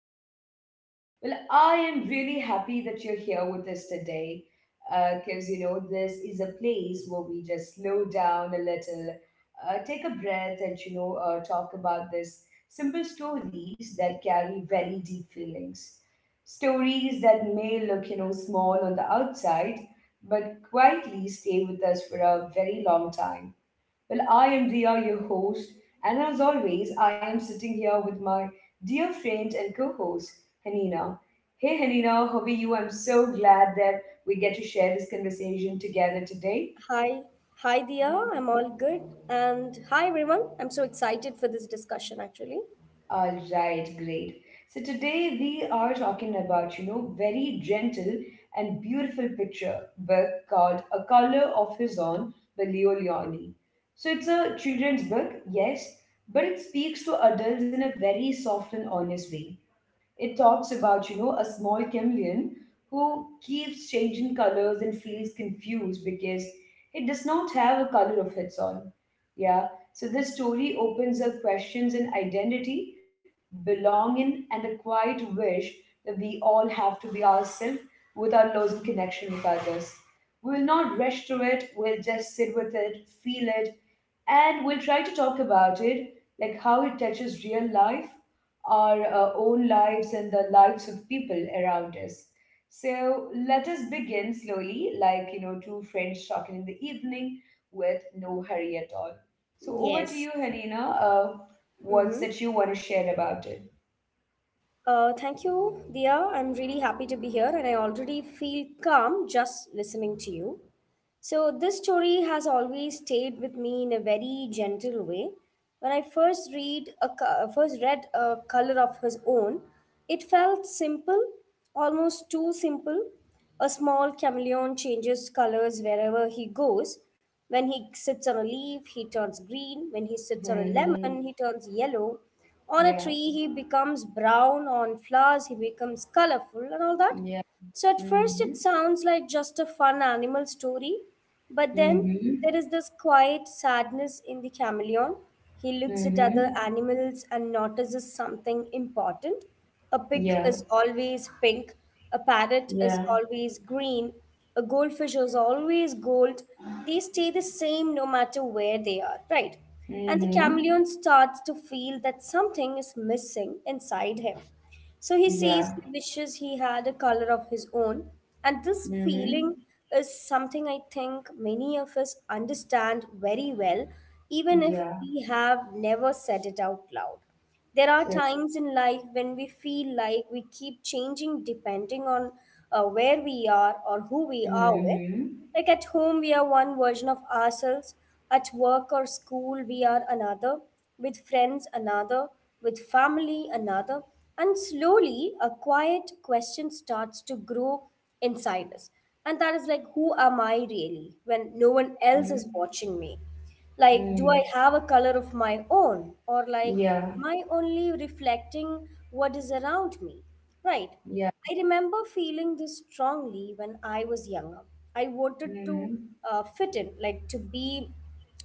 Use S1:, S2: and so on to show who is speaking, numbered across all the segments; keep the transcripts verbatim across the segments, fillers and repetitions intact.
S1: podcast. Well, I am really happy that you're here with us today because, you know, this is a place where we just slow down a little, uh, take a breath, and, you know, uh, talk about this simple stories that carry very deep feelings. Stories that may look, you know, small on the outside, but quietly stay with us for a very long time. Well, I am Dia, your host, and as always, I am sitting here with my dear friend and co host, Hanina. Hey, Hanina, how are you? I'm so glad that we get to share this conversation together today.
S2: Hi, hi Dia, I'm
S1: Mhm.
S2: all good. And hi everyone, I'm so excited for this discussion actually.
S1: All right, great. So today we are talking about, you know, very gentle and beautiful picture book called A Color of His Own by Leo Leoni. So it's a children's book, yes, but it speaks to adults in a very soft and honest way. It talks about, you know, a small chameleon who keeps changing colors and feels confused because it does not have a color of its own. Yeah. So this story opens up questions in identity, belonging, and a quiet wish that we all have to be ourselves without losing connection with others. We will not rush through it, we'll just sit with it, feel it, and we'll try to talk about it, like how it touches real life our uh, own lives and the lives of people around us. So let us begin slowly, like you know, two friends talking in the evening with no hurry at all. So over to you,
S2: Yes.
S1: Hanina. Uh, what's
S2: Mm-hmm.
S1: that you want to share about it?
S2: Uh, thank you, Dia. I'm really happy to be here and I already feel calm just listening to you. So, this story has always stayed with me in a very gentle way. When I first read a co- first read a color of his own, it felt simple, almost too simple. A small chameleon changes colors wherever he goes. When he sits on a leaf, he turns green. When he sits on a lemon,
S1: Mm-hmm.
S2: he turns yellow. On a
S1: Yeah.
S2: tree, he becomes brown. On flowers, he becomes colorful and all that.
S1: Yeah.
S2: So at first,
S1: Mm-hmm.
S2: it sounds like just a fun animal story, but then
S1: Mm-hmm.
S2: there is this quiet sadness in the chameleon. He looks at other
S1: Mm-hmm.
S2: animals and notices something important. A pig
S1: Yeah.
S2: is always pink, a parrot
S1: Yeah.
S2: is always green, a goldfish is always gold. They stay the same no matter where they are, right? And the
S1: Mm-hmm.
S2: chameleon starts to feel that something is missing inside him. So he
S1: Yeah.
S2: says he wishes he had a color of his own. And this
S1: Mm-hmm.
S2: feeling is something I think many of us understand very well, even if
S1: Yeah.
S2: we have never said it out loud. There
S1: So.
S2: are times in life when we feel like we keep changing depending on uh, where we are or who we are with.
S1: Mm-hmm.
S2: Like at home, we are one version of ourselves. At work or school, we are another. With friends, another. With family, another. And slowly, a quiet question starts to grow inside us. And that is like, who am I really when no one else is watching me? Like, do I
S1: Mm-hmm.
S2: have a color of my own? Or, like,
S1: Yeah.
S2: am I only reflecting what is around me? Right.
S1: Yeah.
S2: I remember feeling this strongly when I was younger. I wanted
S1: Mm-hmm.
S2: to uh, fit in, like, to be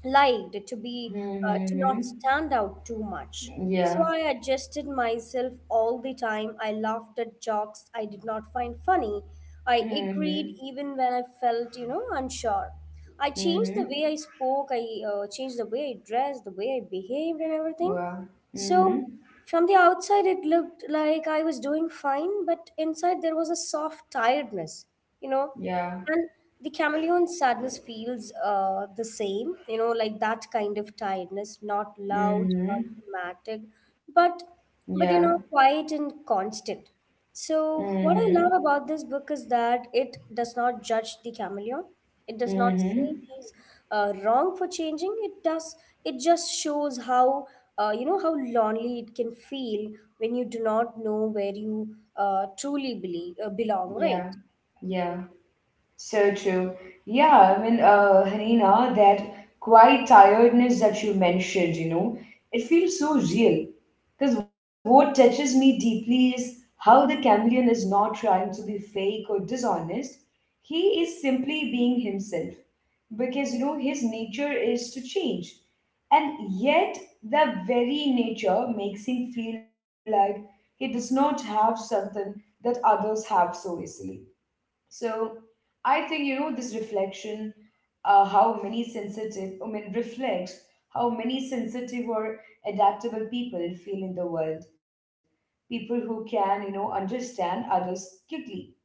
S2: liked, to be uh, to not
S1: Mm-hmm.
S2: stand out too much, so
S1: Yeah.
S2: I adjusted myself all the time. I laughed at jokes I did not find funny. I
S1: Mm-hmm.
S2: agreed even when I felt, you know, unsure. I changed the
S1: Mm-hmm.
S2: way I spoke, I uh, changed the way I dressed, the way I behaved, and everything.
S1: Wow. Mm-hmm.
S2: So, from the outside, it looked like I was doing fine, but inside there was a soft tiredness, you know.
S1: Yeah.
S2: And the chameleon sadness feels uh, the same, you know, like that kind of tiredness, not loud,
S1: Mm-hmm.
S2: not dramatic, but
S1: Yeah.
S2: but you know, quiet and constant. So, what I
S1: Mm-hmm.
S2: love about this book is that it does not judge the chameleon. It does not say
S1: Mm-hmm.
S2: he's uh, wrong for changing. It does. It just shows how, uh, you know, how lonely it can feel when you do not know where you uh, truly believe, uh, belong. Right?
S1: Yeah. Yeah. So true. Yeah, I mean, uh, Hanina, that quiet tiredness that you mentioned, you know, it feels so real. Because what touches me deeply is how the chameleon is not trying to be fake or dishonest. He is simply being himself, because you know his nature is to change, and yet the very nature makes him feel like he does not have something that others have so easily. So I think you know this reflection, uh, how many sensitive I mean, reflects how many sensitive or adaptable people feel in the world, people who can you know understand others quickly,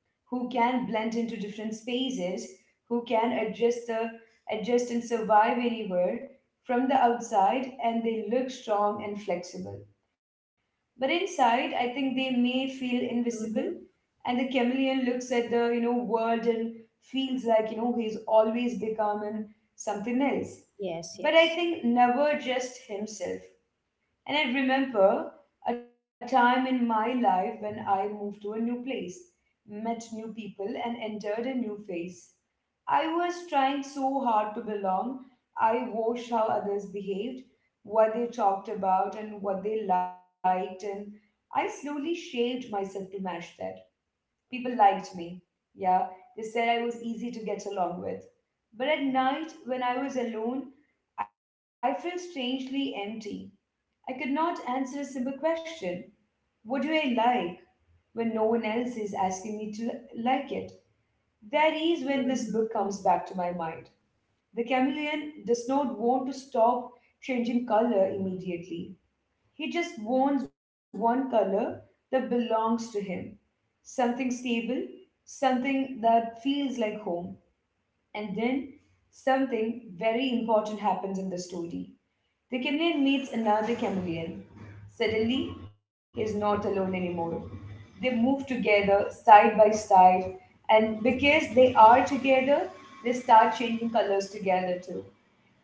S1: who can blend into different spaces, who can adjust the adjust and survive anywhere. From the outside, and they look strong and flexible. But inside I think they may feel invisible,
S2: Mm-hmm.
S1: and the chameleon looks at the you know world and feels like you know he's always becoming something else.
S2: Yes.
S1: But I
S2: Yes.
S1: think never just himself. And I remember a time in my life when I moved to a new place, met new people, and entered a new phase. I was trying so hard to belong. I watched how others behaved, what they talked about, and what they liked, and I slowly shaped myself to match that. People liked me. Yeah, they said I was easy to get along with. But at night, when I was alone, I felt strangely empty. I could not answer a simple question. What do I like when no one else is asking me to li- like it? That is when
S2: Mm-hmm.
S1: this book
S2: Mm-hmm.
S1: comes back to my mind. The chameleon does not want to stop changing color immediately. He just wants one color that belongs to him, something stable, something that feels like home. And then something very important happens in the story. The chameleon meets another chameleon. Suddenly, he's not alone anymore. They move together, side by side, and because
S2: Mm-hmm.
S1: they are together, they start changing colors together too.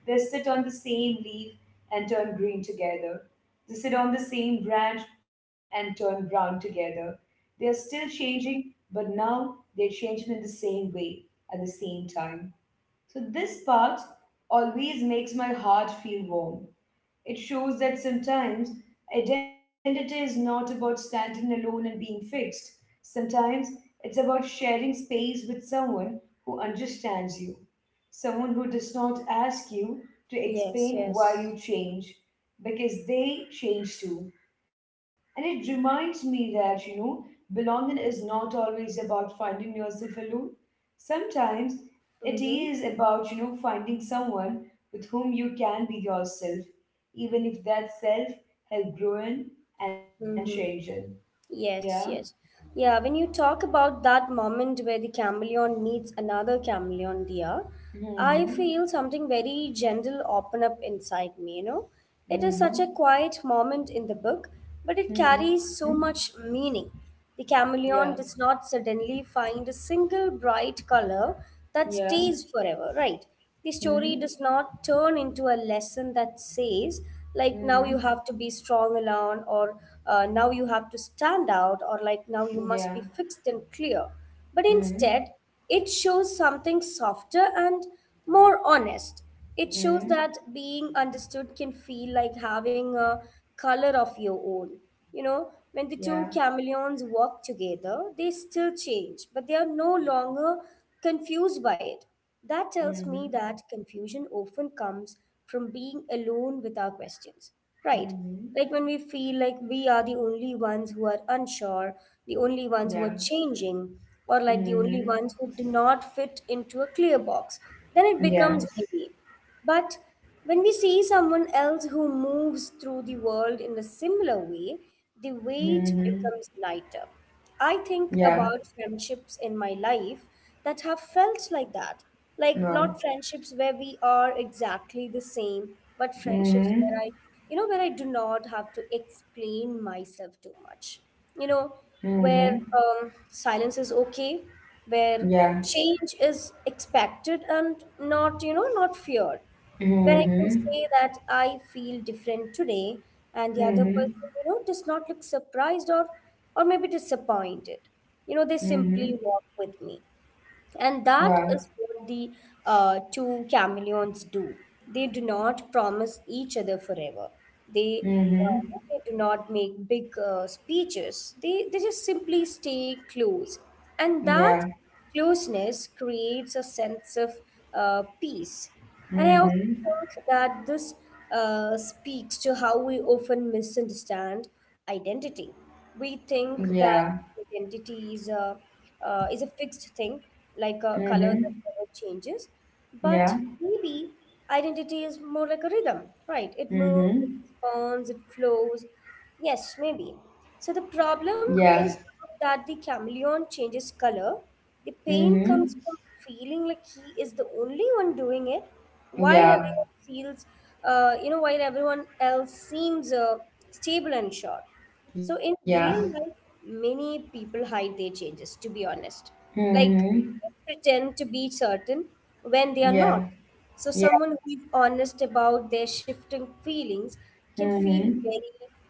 S1: They sit on the same leaf and turn green together. They sit on the same branch and turn brown together. They are still changing, but now they're changing in the same way at the same time. So this part always makes my heart feel warm. It shows that sometimes identity is not about standing alone and being fixed. Sometimes it's about sharing space with someone who understands you, someone who does not ask you to
S2: Yes.
S1: explain why
S2: Yes.
S1: you change, because they change too. And it reminds me that, you know, belonging is not always about finding yourself alone. Sometimes it
S2: Mm-hmm.
S1: is about, you know, finding someone with whom you can be yourself, even if that self help growing and changing.
S2: Mm-hmm.
S1: Yeah.
S2: Yes, yes. Yeah, when you talk about that moment where the chameleon meets another chameleon dear, I
S1: Mm-hmm.
S2: feel something very gentle open up inside me, you know. It is such a
S1: Mm-hmm.
S2: quiet moment in the book, but it carries
S1: Mm-hmm.
S2: so much meaning. The
S1: Yeah.
S2: chameleon does not suddenly find a single bright color that
S1: Yeah.
S2: stays forever, right? The story does
S1: Mm-hmm.
S2: not turn into a lesson that says, like, now you
S1: Mm-hmm.
S2: have to be strong alone, or uh, now you have to stand out, or like, now you
S1: Yeah.
S2: must be fixed and clear. But
S1: Mm-hmm.
S2: instead, it shows something softer and more honest. It shows
S1: Mm-hmm.
S2: that being understood can feel like having a color of your own. You know,
S1: Yeah.
S2: when the two chameleons walk together, they still change, but they are no longer confused by it. That tells me
S1: Mm-hmm.
S2: that confusion often comes from being alone with our questions, right?
S1: Mm-hmm.
S2: Like when we feel like we are the only ones who are unsure, the only
S1: Yeah.
S2: ones who are changing, or like the only
S1: Mm-hmm.
S2: ones who do not fit into a clear box, then it
S1: Yeah.
S2: becomes heavy. But when we see someone else who moves through the world in a similar way, the weight
S1: Mm-hmm.
S2: becomes lighter. I
S1: Yeah.
S2: think about friendships in my life that have felt like that. Like,
S1: No.
S2: not friendships where we are exactly the same, but friendships
S1: Mm-hmm.
S2: where I, you know, where I do not have to explain myself too much. You know,
S1: Mm-hmm.
S2: where um, silence is okay, where
S1: Yeah.
S2: change is expected and not, you know, not feared. Where I can
S1: Mm-hmm.
S2: say that I feel different today and the other
S1: Mm-hmm.
S2: person, you know, does not look surprised or or maybe disappointed. You know, they
S1: Mm-hmm.
S2: simply walk with me. And that
S1: Wow.
S2: is what the uh, two chameleons do. They do not promise each other forever. They uh,
S1: Mm-hmm.
S2: they do not make big uh, speeches. They they just simply stay close, and that
S1: Yeah.
S2: closeness creates a sense of uh, peace. And I also
S1: Mm-hmm.
S2: think that this uh, speaks to how we often misunderstand identity. We think
S1: Yeah.
S2: that identity is a uh, is a fixed thing, like a color
S1: Mm-hmm.
S2: that never changes.
S1: Yeah.
S2: But maybe identity is more like a rhythm, right? It moves,
S1: Mm-hmm.
S2: it responds, it flows. Yes, maybe. So the problem
S1: Yes.
S2: is not that the chameleon changes color. The pain
S1: Mm-hmm.
S2: comes from feeling like he is the only one doing it, while
S1: Yeah.
S2: everyone feels, uh, you know, while everyone else seems uh, stable and sure. So
S1: Yeah.
S2: in real life, many people hide their changes. To be honest, like,
S1: Mm-hmm.
S2: pretend to be certain when they are
S1: Yeah.
S2: not. So,
S1: Yeah.
S2: someone who is honest about their shifting feelings can feel
S1: Mm-hmm.
S2: very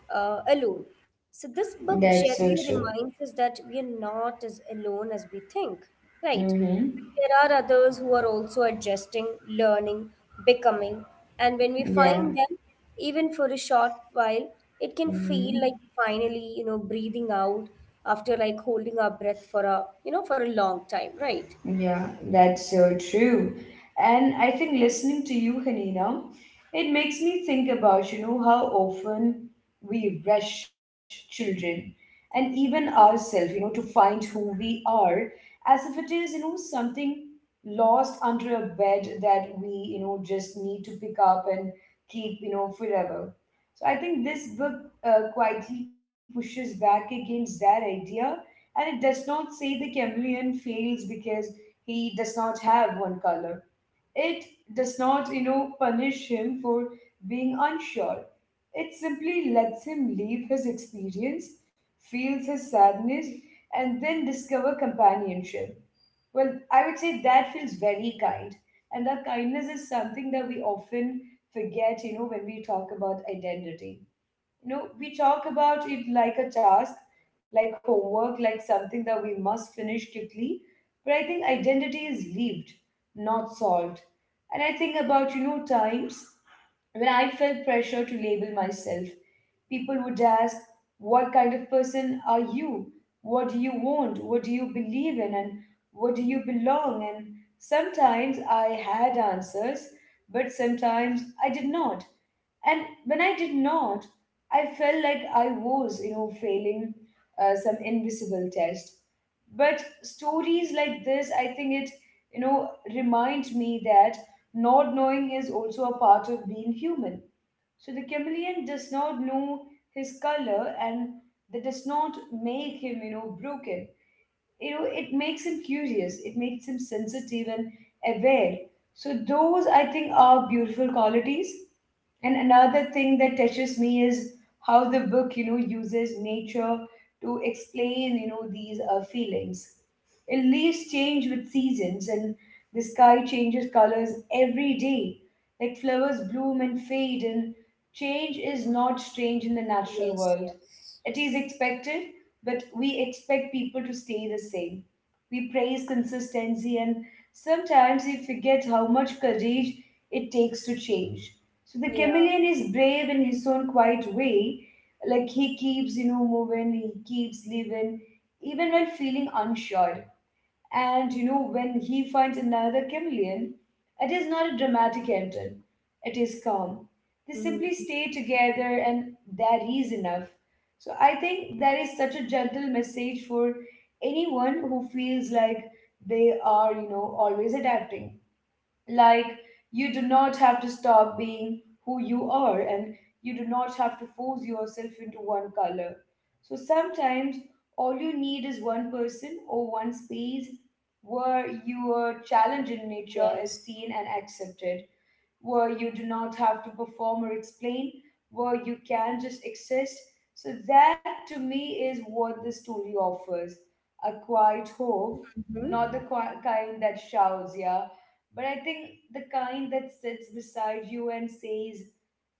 S2: uh, alone. So, this
S1: That's so
S2: book
S1: true.
S2: generally reminds us that we are not as alone as we think, right?
S1: Mm-hmm.
S2: There are others who are also adjusting, learning, becoming, and when we
S1: Yeah.
S2: find them, even for a short while, it can
S1: Mm-hmm.
S2: feel like finally, you know, breathing out after like holding our breath for a, you know, for a long time, right?
S1: Yeah, that's so true. And I think listening to you, Hanina, it makes me think about, you know, how often we rush children and even ourselves, you know, to find who we are, as if it is, you know, something lost under a bed that we, you know, just need to pick up and keep, you know, forever. So I think this book uh, quietly pushes back against that idea, and it does not say the chameleon fails because he does not have one color. It does not, you know, punish him for being unsure. It simply lets him leave his experience, feels his sadness, and then discover companionship. Well, I would say that feels very kind. And that kindness is something that we often forget, you know, when we talk about identity. you know we talk about it like a task, like homework, like something that we must finish quickly, but I think identity is lived, not solved. And I think about you know times when I felt pressure to label myself. People would ask, "What kind of person are you? What do you want? What do you believe in? And what do you belong?" And sometimes I had answers, but sometimes I did not. And when I did not, I felt like I was, you know, failing uh, some invisible test. But stories like this, I think it, you know, remind me that not knowing is also a part of being human. So the chameleon does not know his color, and that does not make him, you know, broken. You know, it makes him curious, it makes him sensitive and aware. So those I think are beautiful qualities. And another thing that touches me is how the book, you know, uses nature to explain, you know, these uh, feelings, and leaves change with seasons, and the sky changes colors every day. Like flowers bloom and fade, and change is not strange in the natural
S2: Yes,
S1: world.
S2: yes.
S1: It is expected, but we expect people to stay the same. We praise consistency, and sometimes we forget how much courage it takes to change. So the
S2: Yeah.
S1: chameleon is brave in his own quiet way. Like he keeps, you know, moving, he keeps living, even while feeling unsure. And you know, when he finds another chameleon, it is not a dramatic entrance, it is calm. They simply
S2: Mm-hmm.
S1: stay together, and that is enough. So I think that is such a gentle message for anyone who feels like they are, you know, always adapting. Like, you do not have to stop being who you are, and you do not have to force yourself into one color. So sometimes all you need is one person or one space where your challenge in nature is
S2: Yes.
S1: seen and accepted, where you do not have to perform or explain, where you can just exist. So, that to me is what the story offers, a quiet home, not the
S2: Mm-hmm.
S1: qui- kind that shouts, yeah, but I think the kind that sits beside you and says,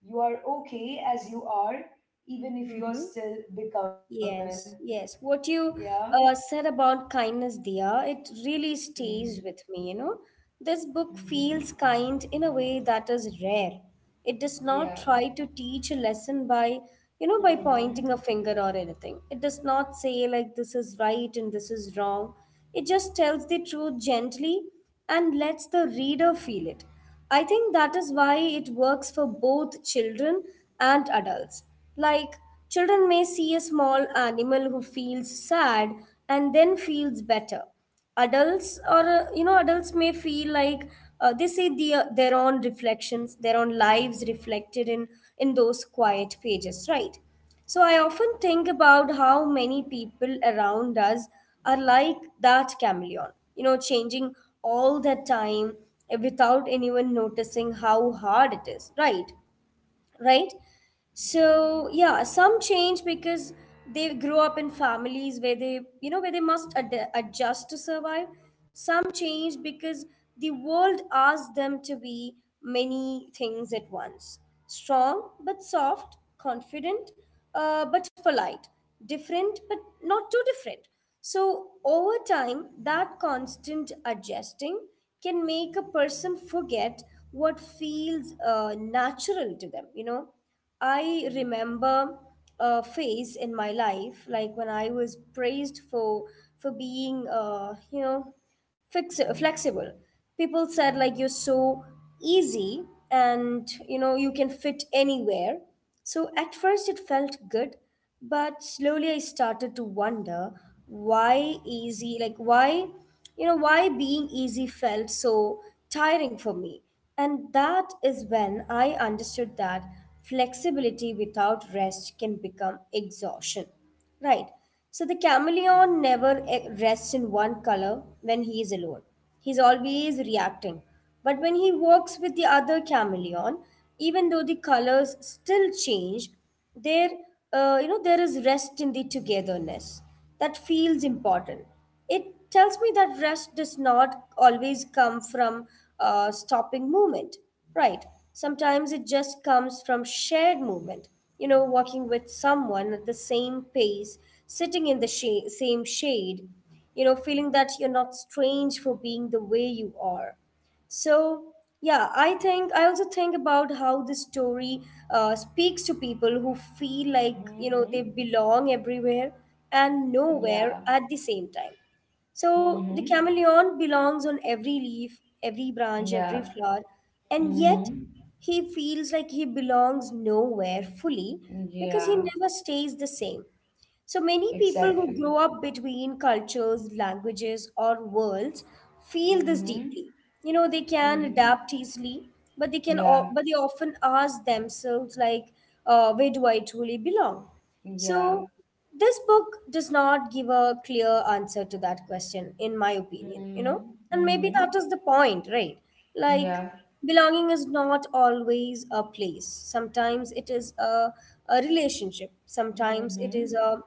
S1: "You are okay as you are, even if you are
S2: Mm-hmm.
S1: still becoming,"
S2: Yes, yes.
S1: yeah.
S2: What you uh, said about kindness, Dia, it really
S1: Mm-hmm.
S2: stays with me, you know. This book feels kind in a way that is rare. It does
S1: Yeah.
S2: not try to teach a lesson by, you know, by
S1: Mm-hmm.
S2: pointing a finger or anything. It does not say like this is right and this is wrong. It just tells the truth gently and lets the reader feel it. I think that is why it works for both children and adults. Like, children may see a small animal who feels sad and then feels better. Adults or, uh, you know, adults may feel like uh, they see the, their own reflections, their own lives reflected in in those quiet pages, right? So I often think about how many people around us are like that chameleon, you know, changing all the time, eh, without anyone noticing how hard it is, right? Right? So yeah, some change because they grow up in families where they, you know, where they must ad- adjust to survive. Some change because the world asks them to be many things at once: strong but soft, confident uh, but polite, different but not too different. So over time, that constant adjusting can make a person forget what feels uh, natural to them. You know, I remember a phase in my life, like when I was praised for for being, uh, you know, fix flexible. People said like you're so easy, and you know you can fit anywhere. So at first it felt good, but slowly I started to wonder why easy, like why, you know, why being easy felt so tiring for me. And that is when I understood that flexibility without rest can become exhaustion, right? So the chameleon never eh, rests in one color when he is alone. He's always reacting. But when he works with the other chameleon, even though the colors still change, there uh, you know, there is rest in the togetherness that feels important. It tells me that rest does not always come from uh, stopping movement, right? Sometimes it just comes from shared movement. You know, walking with someone at the same pace, sitting in the sha- same shade, you know, feeling that you're not strange for being the way you are. So, yeah, I think I also think about how the story uh, speaks to people who feel like, you know,
S1: Mm-hmm.
S2: they belong everywhere and
S1: Yeah.
S2: nowhere at the same time. So,
S1: Mm-hmm.
S2: the chameleon belongs on every leaf, every branch,
S1: Yeah.
S2: every flower, and yet
S1: Mm-hmm.
S2: he feels like he belongs nowhere fully because he
S1: Yeah,
S2: never stays the same. So many
S1: exactly.
S2: people who grow up between cultures, languages, or worlds feel this
S1: Mm-hmm.
S2: deeply. You know, they can
S1: Mm-hmm.
S2: adapt easily, but they can, o-
S1: Yeah,
S2: but they often ask themselves like, uh, "Where do I truly belong?" So,
S1: yeah.
S2: this book does not give a clear answer to that question, in my opinion.
S1: Mm-hmm.
S2: You know, and maybe
S1: Mm-hmm.
S2: that is the point, right? Like,
S1: Yeah.
S2: belonging is not always a place. Sometimes it is a, a relationship. Sometimes it is
S1: Mm-hmm.
S2: a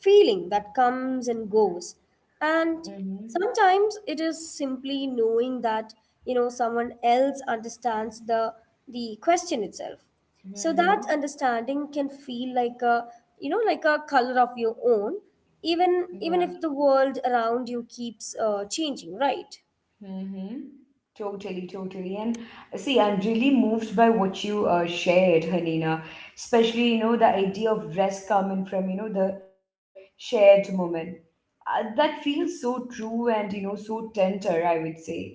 S2: feeling that comes and goes. And
S1: Mm-hmm.
S2: sometimes it is simply knowing that, you know, someone else understands the the question itself. So that
S1: Mm-hmm.
S2: understanding can feel like a, you know, like a color of your own,
S1: Yeah.
S2: even even if the world around you keeps uh, changing, right?
S1: Mm-hmm. Totally, totally. And uh, see, I'm really moved by what you uh, shared, Hanina. Especially, you know, the idea of rest coming from, you know, the shared moment. Uh, that feels so true, and you know so tender, I would say.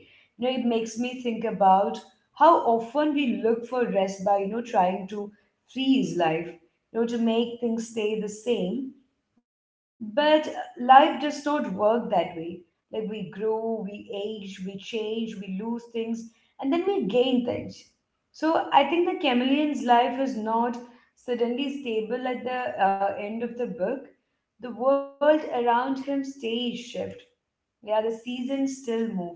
S1: you know it makes me think about how often we look for rest by you know trying to freeze life, you know to make things stay the same. But uh, life does not work that way. Like we grow, we age, we change, we lose things, and then we gain things. So I think the chameleon's life is not suddenly stable at the uh, end of the book. The world around him stays shift. Yeah, the seasons still move.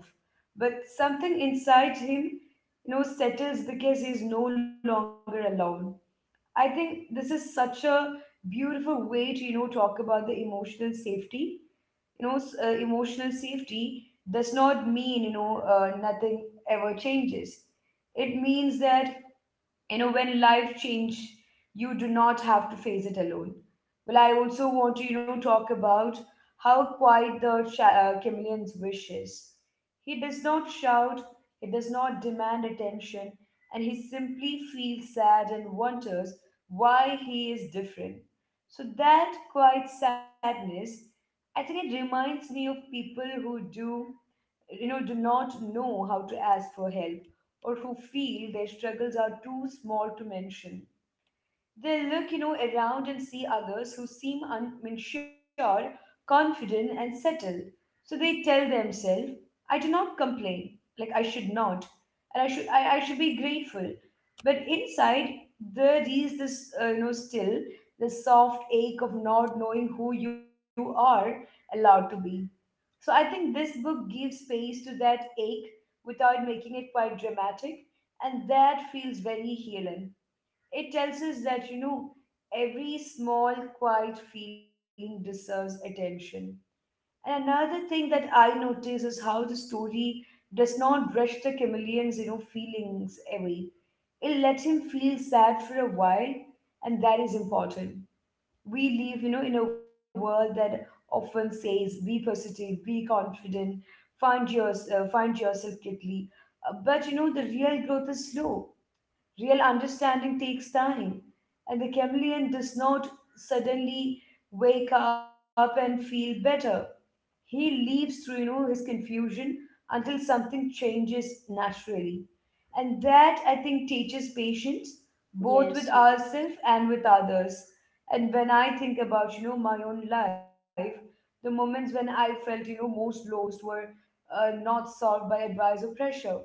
S1: But something inside him, you know, settles because he's no longer alone. I think this is such a beautiful way to, you know, talk about the emotional safety. You know, s- uh, emotional safety does not mean, you know, uh, nothing ever changes. It means that you know when life change, you do not have to face it alone. Well i also want to you know talk about how quiet the cha- uh, chameleon's wish is. He does not shout, he does not demand attention, and he simply feels sad and wonders why he is different. So that quiet sadness, I think it reminds me of people who do you know do not know how to ask for help, or who feel their struggles are too small to mention. They look you know around and see others who seem un- unsure, confident, and settled. So they tell themselves, I do not complain, like I should not, and i should i, I should be grateful. But inside, there is this, uh, you know still, the soft ache of not knowing who you are allowed to be. So I think this book gives space to that ache without making it quite dramatic, and that feels very healing. It tells us that, you know, every small, quiet feeling deserves attention. And another thing that I notice is how the story does not brush the chameleon's, you know, feelings away. It lets him feel sad for a while, and that is important. We live you know in a world that often says, be positive, be confident, find yourself, find yourself quickly. Uh, but you know the real growth is slow, real understanding takes time, and the chameleon does not suddenly wake up and feel better. He leaves through, you know, his confusion until something changes naturally. And that, I think, teaches patience both with
S2: Yes, yes.
S1: ourselves and with others. And when I think about, you know, my own life, the moments when I felt, you know, most lost were uh, not solved by advice or pressure.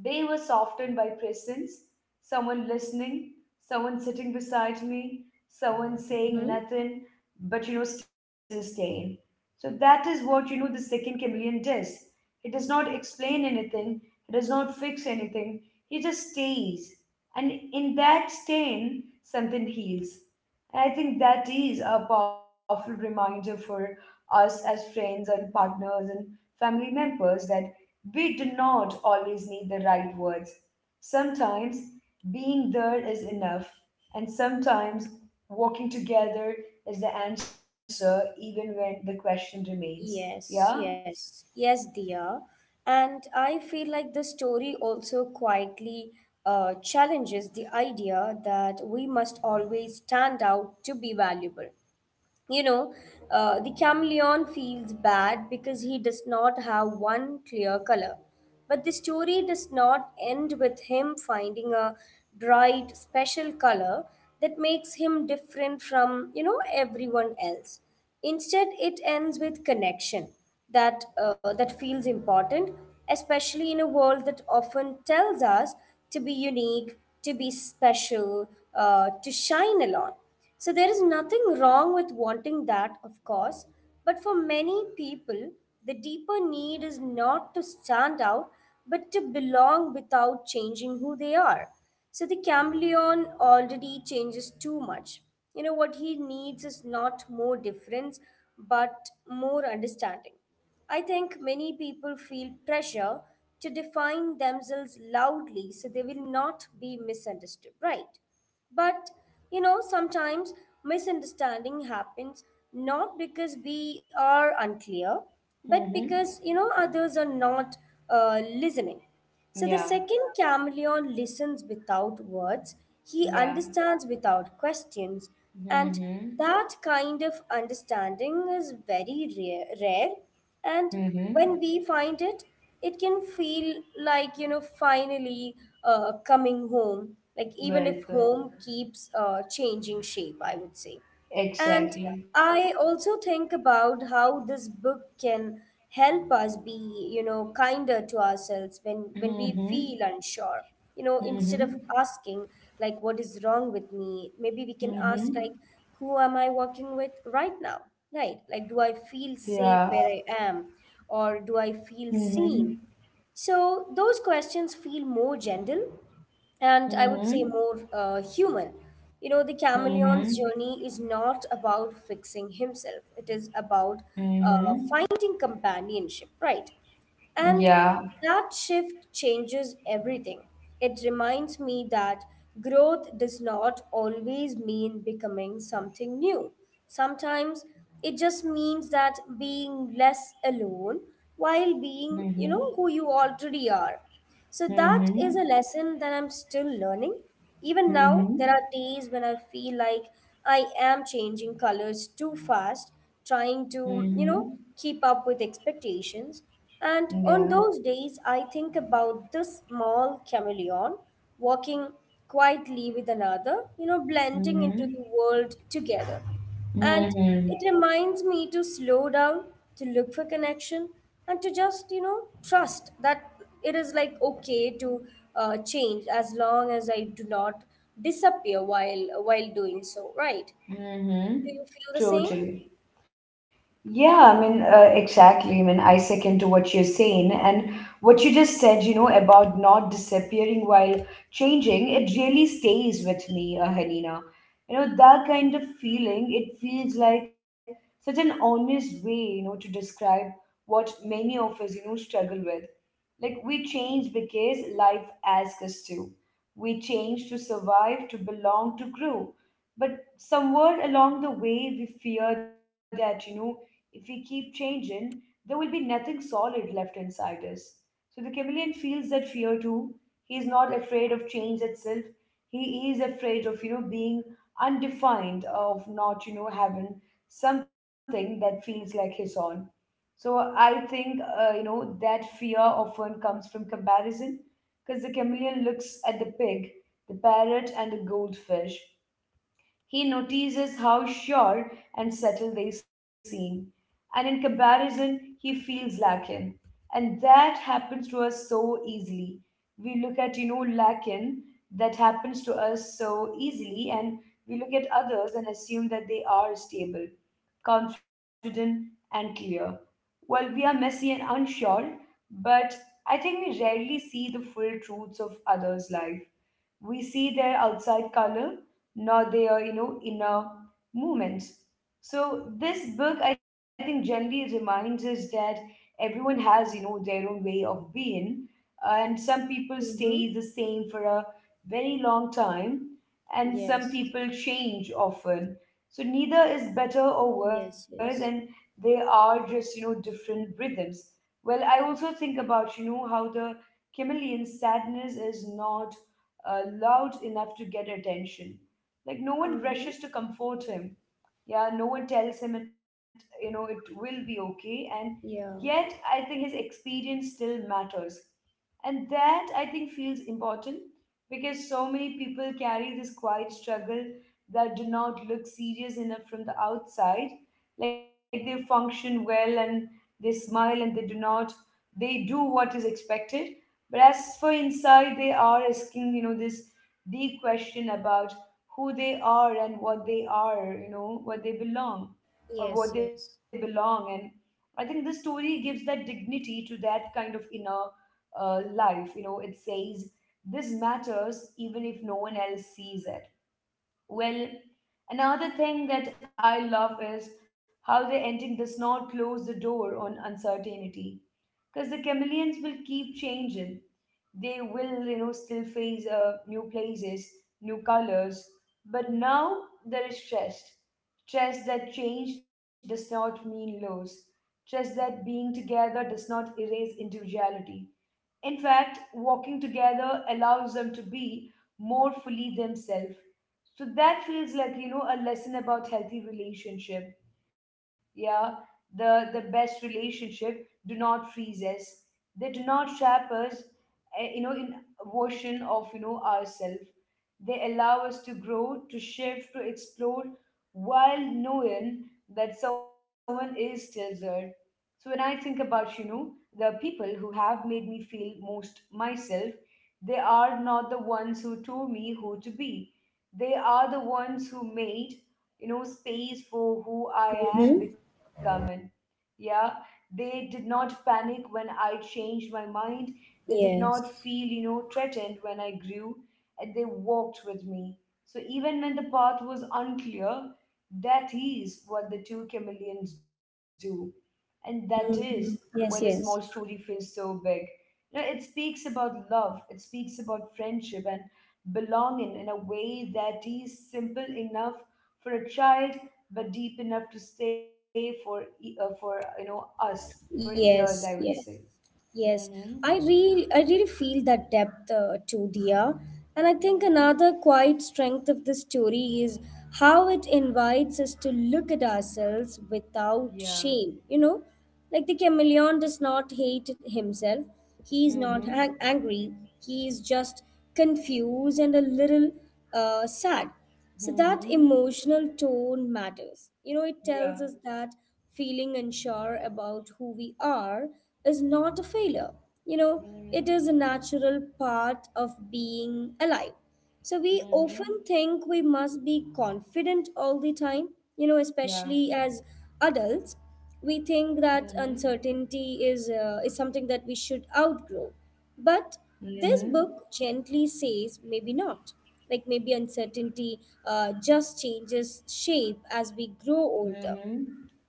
S1: They were softened by presence, someone listening, someone sitting beside me, someone saying
S2: Mhm.
S1: nothing, but you know, still staying. So that is what you know the second chameleon does. He does not explain anything, he does not fix anything, he just stays. And in that staying, something heals. And I think that is a powerful reminder for us as friends and partners and family members that we do not always need the right words. Sometimes being there is enough, and sometimes walking together is the answer, even when the question remains. Yeah?
S2: Yes, yes, yes, dear. And I feel like the story also quietly uh, challenges the idea that we must always stand out to be valuable. you know, uh, the chameleon feels bad because he does not have one clear color. But the story does not end with him finding a bright, special color that makes him different from, you know, everyone else. Instead, it ends with connection that, uh, that feels important, especially in a world that often tells us to be unique, to be special, uh, to shine alone. So there is nothing wrong with wanting that, of course, but for many people, the deeper need is not to stand out, but to belong without changing who they are. So the chameleon already changes too much. You know, what he needs is not more difference, but more understanding. I think many people feel pressure to define themselves loudly so they will not be misunderstood, right? But you know, sometimes misunderstanding happens not because we are unclear, but
S1: Mm-hmm.
S2: because you know others are not uh, listening. So the
S1: Yeah.
S2: second chameleon listens without words, he
S1: Yeah.
S2: understands without questions, and
S1: Mm-hmm.
S2: that kind of understanding is very rare, rare. And
S1: Mm-hmm.
S2: when we find it, it can feel like you know finally uh, coming home, like even
S1: Well
S2: if
S1: put.
S2: home keeps uh, changing shape, I would say. And
S1: Exactly.
S2: I also think about how this book can help us be, you know, kinder to ourselves when when we
S1: Mm-hmm.
S2: feel unsure. You know, instead of
S1: Mm-hmm.
S2: asking like what is wrong with me, maybe we can ask like
S1: Mm-hmm.
S2: who am I working with right now? Right? Like, do I
S1: Yeah.
S2: feel safe where I am or do I feel
S1: Mm-hmm.
S2: seen? So those questions feel more gentle and I would say
S1: Mm-hmm.
S2: more uh, human. You know, the chameleon's
S1: Mm-hmm.
S2: journey is not about fixing himself, it is about uh,
S1: Mm-hmm.
S2: finding companionship, right? And
S1: Yeah.
S2: that shift changes everything. It reminds me that growth does not always mean becoming something new. Sometimes it just means that being less alone while being, you know, who
S1: Mm-hmm.
S2: you already are. So that is a
S1: Mm-hmm.
S2: lesson that I'm still learning. Even now, there are
S1: Mm-hmm.
S2: days when I feel like I am changing colors too fast, trying to, you know,
S1: Mm-hmm.
S2: keep up with expectations. And on those
S1: Yeah.
S2: days, I think about this small chameleon walking quietly with another, you know, blending into the
S1: Mm-hmm.
S2: world together. And it
S1: Mm-hmm.
S2: reminds me to slow down, to look for connection, and to just, you know, trust that it is like okay to uh, change as long as I do not disappear while while doing so, right? Do you
S1: Mm-hmm.
S2: feel the same?
S1: Totally. Yeah, I mean, uh, exactly. I mean, I second to what you're saying. And what you just said, you know, about not disappearing while changing, it really stays with me, uh, Hanina. You know, that kind of feeling, it feels like such an honest way, you know, to describe what many of us, you know, struggle with. Like we change because life asks us to. We change to survive, to belong, to grow. But somewhere along the way, we fear that, you know, if we keep changing, there will be nothing solid left inside us. So the chameleon feels that fear too. He is not afraid of change itself. He is afraid of, you know, being undefined, of not, you know, having something that feels like his own. So I think uh, you know that fear often comes from comparison, because the chameleon looks at the pig, the parrot, and the goldfish. He notices how sure and settled they seem, and in comparison, he feels lacking. And that happens to us so easily. We look at, you know, lacking, that happens to us so easily, and we look at others and assume that they are stable, confident, and clear. While we are messy and unsure, but I think we rarely see the full truths of others' life. We see their outside color, nor their you know inner movements. So this book, I think, generally reminds us that everyone has you know their own way of being, uh, and some people stay
S2: Mm-hmm.
S1: the same for a very long time, and some
S2: Yes.
S1: people change often. So neither is better or worse,
S2: Yes,
S1: and
S2: yes.
S1: they are just you know different rhythms. Well i also think about you know how the chameleon's sadness is not uh, loud enough to get attention. Like, no one
S2: Mm-hmm.
S1: rushes to comfort him. Yeah, no one tells him it you know it will be okay. And
S2: Yeah.
S1: yet, I think his experience still matters, and that, I think, feels important because so many people carry this quiet struggle that do not look serious enough from the outside. Like, they function well, and they smile, and they do not they do what is expected. But as for inside, they are asking you know this deep question about who they are and what they are, you know, what they belong or what
S2: Yes,
S1: they
S2: yes.
S1: belong. And I think the story gives that dignity to that kind of inner uh, life. You know, it says this matters even if no one else sees it. Well, another thing that I love is how the ending does not close the door on uncertainty, because the chameleons will keep changing. They will you know still face uh, new places, new colors, but now there is trust. Trust that change does not mean loss, trust that being together does not erase individuality. In fact, walking together allows them to be more fully themselves. So that feels like, you know, a lesson about healthy relationship. Yeah, the the best relationship do not freeze us. They do not trap us, eh, you know, in a version of, you know, ourselves. They allow us to grow, to shift, to explore while knowing that someone is still there. So when I think about, you know, the people who have made me feel most myself, they are not the ones who told me who to be. They are the ones who made, you know, space for who I am
S2: Mm-hmm.
S1: becoming. Yeah, they did not panic when I changed my mind. They did not
S2: Yes.
S1: feel, you know, threatened when I grew, and they walked with me. So even when the path was unclear, that is what the two chameleons do. And that is where the
S2: Mm-hmm.
S1: small
S2: Yes,
S1: story
S2: yes.
S1: feels so big. You know, it speaks about love, it speaks about friendship and belonging in a way that is simple enough for a child, but deep enough to stay for e- uh, for you know us for years, I would
S2: Yes, yes.
S1: say.
S2: Yes,
S1: Hmm.
S2: I really, I really feel that depth uh, to Dia, and I think another
S1: Hmm.
S2: quiet strength of this story is how it invites us to look at ourselves
S1: Yeah.
S2: without shame. You know, like the chameleon does not hate himself; he is not ang-
S1: Hmm.
S2: angry. He is just confused and a little uh, sad. So that
S1: Hmm.
S2: emotional tone matters. You know, it tells us
S1: Yeah.
S2: that feeling unsure about who we are is not a failure. You know, it is a
S1: Hmm.
S2: natural part of being alive. So we often
S1: Hmm.
S2: think we must be confident all the time, you know,
S1: Yeah.
S2: especially as adults. We think that
S1: Hmm.
S2: uncertainty is uh, is something that we should outgrow, but this
S1: Hmm.
S2: book gently says maybe not. Like maybe uncertainty uh, just changes shape as we grow older.
S1: Hmm.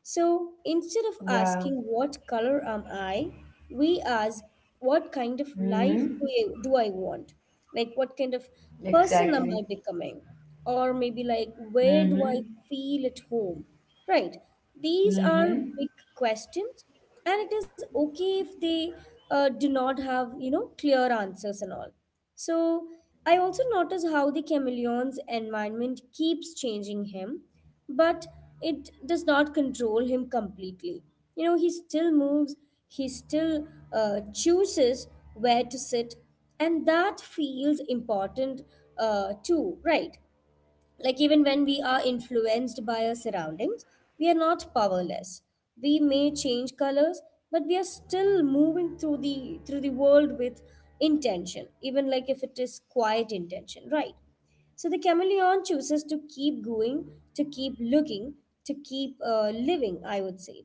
S2: So
S1: Yeah.
S2: instead of asking what color am I, we ask what kind of
S1: Hmm.
S2: life do I, do I want? Like what kind of
S1: Exactly.
S2: person am I becoming? Or maybe like,
S1: Mm-hmm.
S2: where do I feel at home? Right. These
S1: Mm-hmm.
S2: are big questions and it is okay if they uh, do not have, you know, clear answers and all. So I also notice how the chameleon's environment keeps changing him, but it does not control him completely. You know, he still moves, he still uh, chooses where to sit, and that feels important uh, too, right? Like, even when we are influenced by our surroundings, we are not powerless. We may change colors, but we are still moving through the through the world with intention, even like if it is quiet intention, right? So the chameleon chooses to keep going, to keep looking, to keep uh, living, I would say.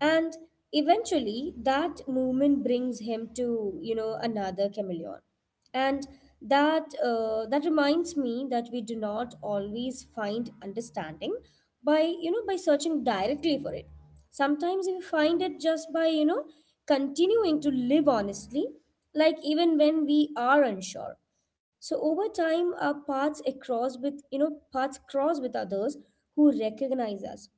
S2: And eventually, that movement brings him to, you know, another chameleon. And that uh, that reminds me that we do not always find understanding by, you know, by searching directly for it. Sometimes we find it just by, you know, continuing to live honestly, like even when we are unsure. So over time, our paths across with you know paths cross with others who recognize us,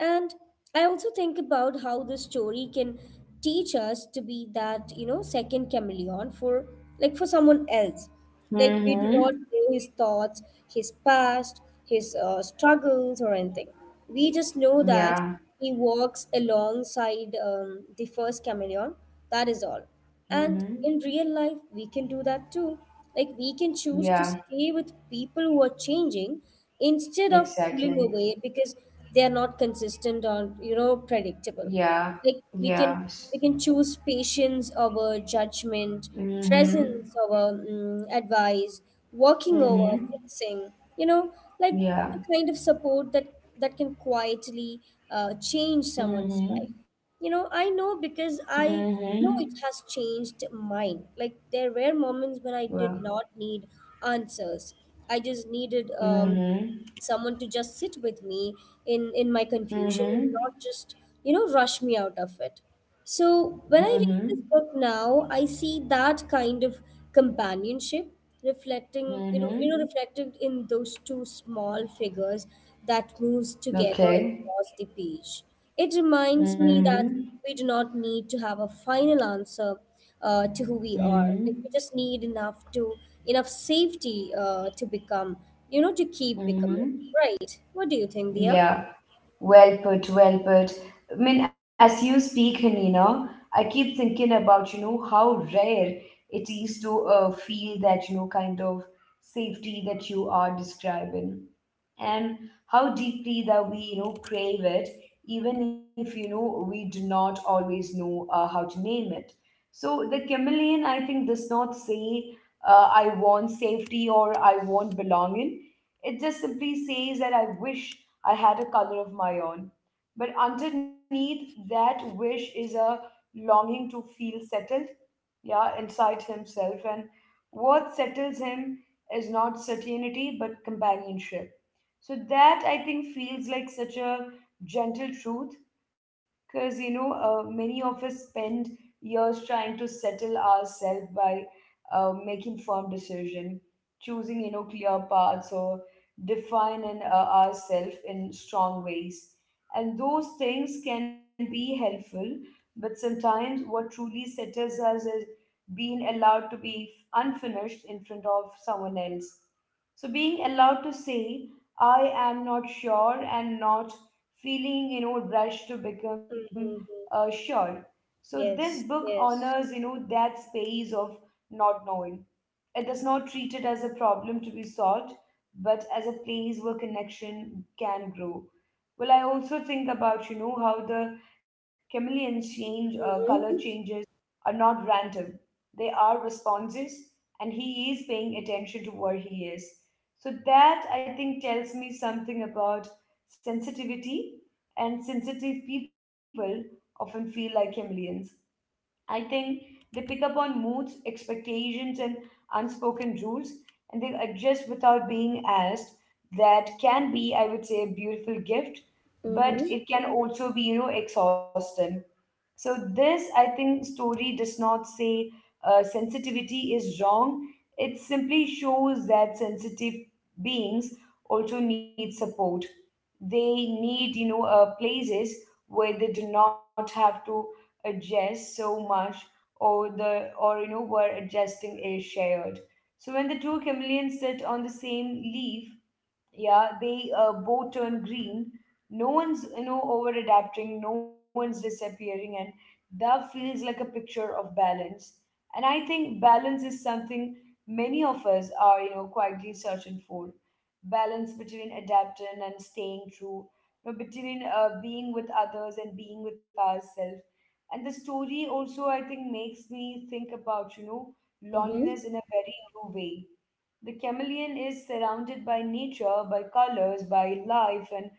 S2: and I also think about how this story can teach us to be that you know second chameleon for like for someone else. Like, we
S1: Mm-hmm.
S2: do not know his thoughts, his past, his uh, struggles or anything. We just know
S1: Yeah.
S2: that he walks alongside um, the first chameleon. That is all. And
S1: Mm-hmm.
S2: in real life, we can do that too. Like, we can
S1: Yeah.
S2: choose to stay with people who are changing instead of
S1: Exactly.
S2: pulling away because they are not consistent or, you know, predictable.
S1: Yeah.
S2: Like, we
S1: Yeah.
S2: can we can choose patience over judgment,
S1: Mm-hmm.
S2: presence over mm, advice, working
S1: Mm-hmm.
S2: over fixing. You know, like
S1: Yeah.
S2: the kind of support that that can quietly uh, change someone's
S1: Mm-hmm.
S2: life. You know, I know,
S1: Mm-hmm.
S2: because I know it has changed mine. Like there were
S1: Well.
S2: moments when I did not need answers, I just needed
S1: Mm-hmm.
S2: um someone to just sit with me in in my confusion
S1: Mm-hmm.
S2: and not just, you know, rush me out of it. So
S1: Mm-hmm.
S2: when I read this book now, I see that kind of companionship reflecting
S1: Mm-hmm.
S2: you know you know reflected in those two small figures that moves together
S1: Okay.
S2: across the page. It reminds me that
S1: Mm-hmm.
S2: we do not need to have a final answer uh, to who we are. Like,
S1: Mm-hmm.
S2: we just need enough to enough safety uh, to become, you know, to keep becoming.
S1: Mm-hmm.
S2: Right? What do you think, Dia?
S1: Yeah. Well put, well put. I mean, as you speak, Hanina, I keep thinking about, you know, how rare it is to uh, feel that, you know, kind of safety that you are describing, and how deeply that we you know crave it, even if you know we do not always know uh, how to name it. So the chameleon, I think, does not say, uh, I want safety or I want belonging. It just simply says that I wish I had a color of my own. But underneath that wish is a longing to feel settled, yeah, inside himself. And what settles him is not certainty but companionship. So that, I think, feels like such a gentle truth, because you know uh, many of us spend years trying to settle ourselves by uh, making firm decision, choosing you know clear paths, or defining uh, ourselves in strong ways. And those things can be helpful, but sometimes what truly settles us is being allowed to be unfinished in front of someone else. So being allowed to say, I am not sure, and not feeling you know rushed to become
S2: Mm-hmm.
S1: uh, sure. So this book
S2: Yes.
S1: honors you
S2: Yes.
S1: know that space of not knowing. It does not treat it as a problem to be solved, but as a place where connection can grow. Well, I also think about, you know, how the chameleons change, uh, color
S2: Mm-hmm.
S1: changes are not random. They are responses, and he is paying attention to where he is. So that, I think, tells me something about sensitivity, and sensitive people often feel like chameleons. I think they pick up on moods, expectations, and unspoken rules, and they adjust without being asked. That can be, I would say, a beautiful gift, but
S2: Mm-hmm.
S1: it can also be, you know, exhausting. So, this, I think, story does not say uh, sensitivity is wrong. It simply shows that sensitive beings also need support. They need you know uh, places where they do not have to adjust so much, or the or you know where adjusting is shared. So when the two chameleons sit on the same leaf, yeah, they uh, both turn green. No one's you know over adapting, no one's disappearing, and that feels like a picture of balance. And I think balance is something many of us are, you know quietly searching for. Balance between adapting and staying true, you know, between uh, being with others and being with ourselves. And the story also, I think, makes me think about, you know,
S2: Mm-hmm.
S1: loneliness in a very new way. The chameleon is surrounded by nature, by colors, by life, and